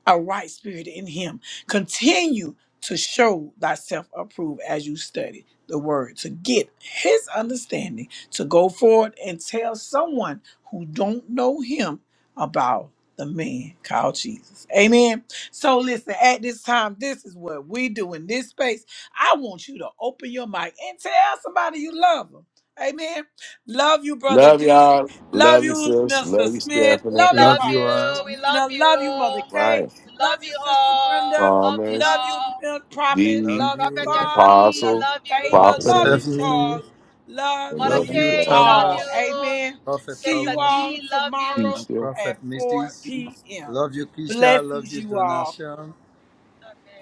a right spirit in him. Continue to show thyself approved as you study the word to get his understanding to go forward and tell someone who don't know him about the man called Jesus. Amen. So listen, at this time, this is what we do in this space. I want you to open your mic and tell somebody you love them. Amen. Love you, Brother Love D. y'all. Love Love you, you, sis. Mr. Love you, Smith. Stephanie. We Love you, love Love you Prophet all. you. We love Philomena. Love you, Mother you. K. Right, We love Love you, you Sister all. Brenda. Love you promise. Love you, all. Prophet. Love the Love you, you, Prophetess Vaughn. T, Love apostle, you, love Favor. you. prophet, Love and you, Stephanie. Charles. Love Mother Love you loving you, K, God. love all. you. Thomas, Amen. Prophet See Sister you Thomas, all D, love you. Can you tomorrow and still. Prophet at 4 Mrs. p.m. Love you, Keisha. Love Blessings, you, you all. Donation, Amen.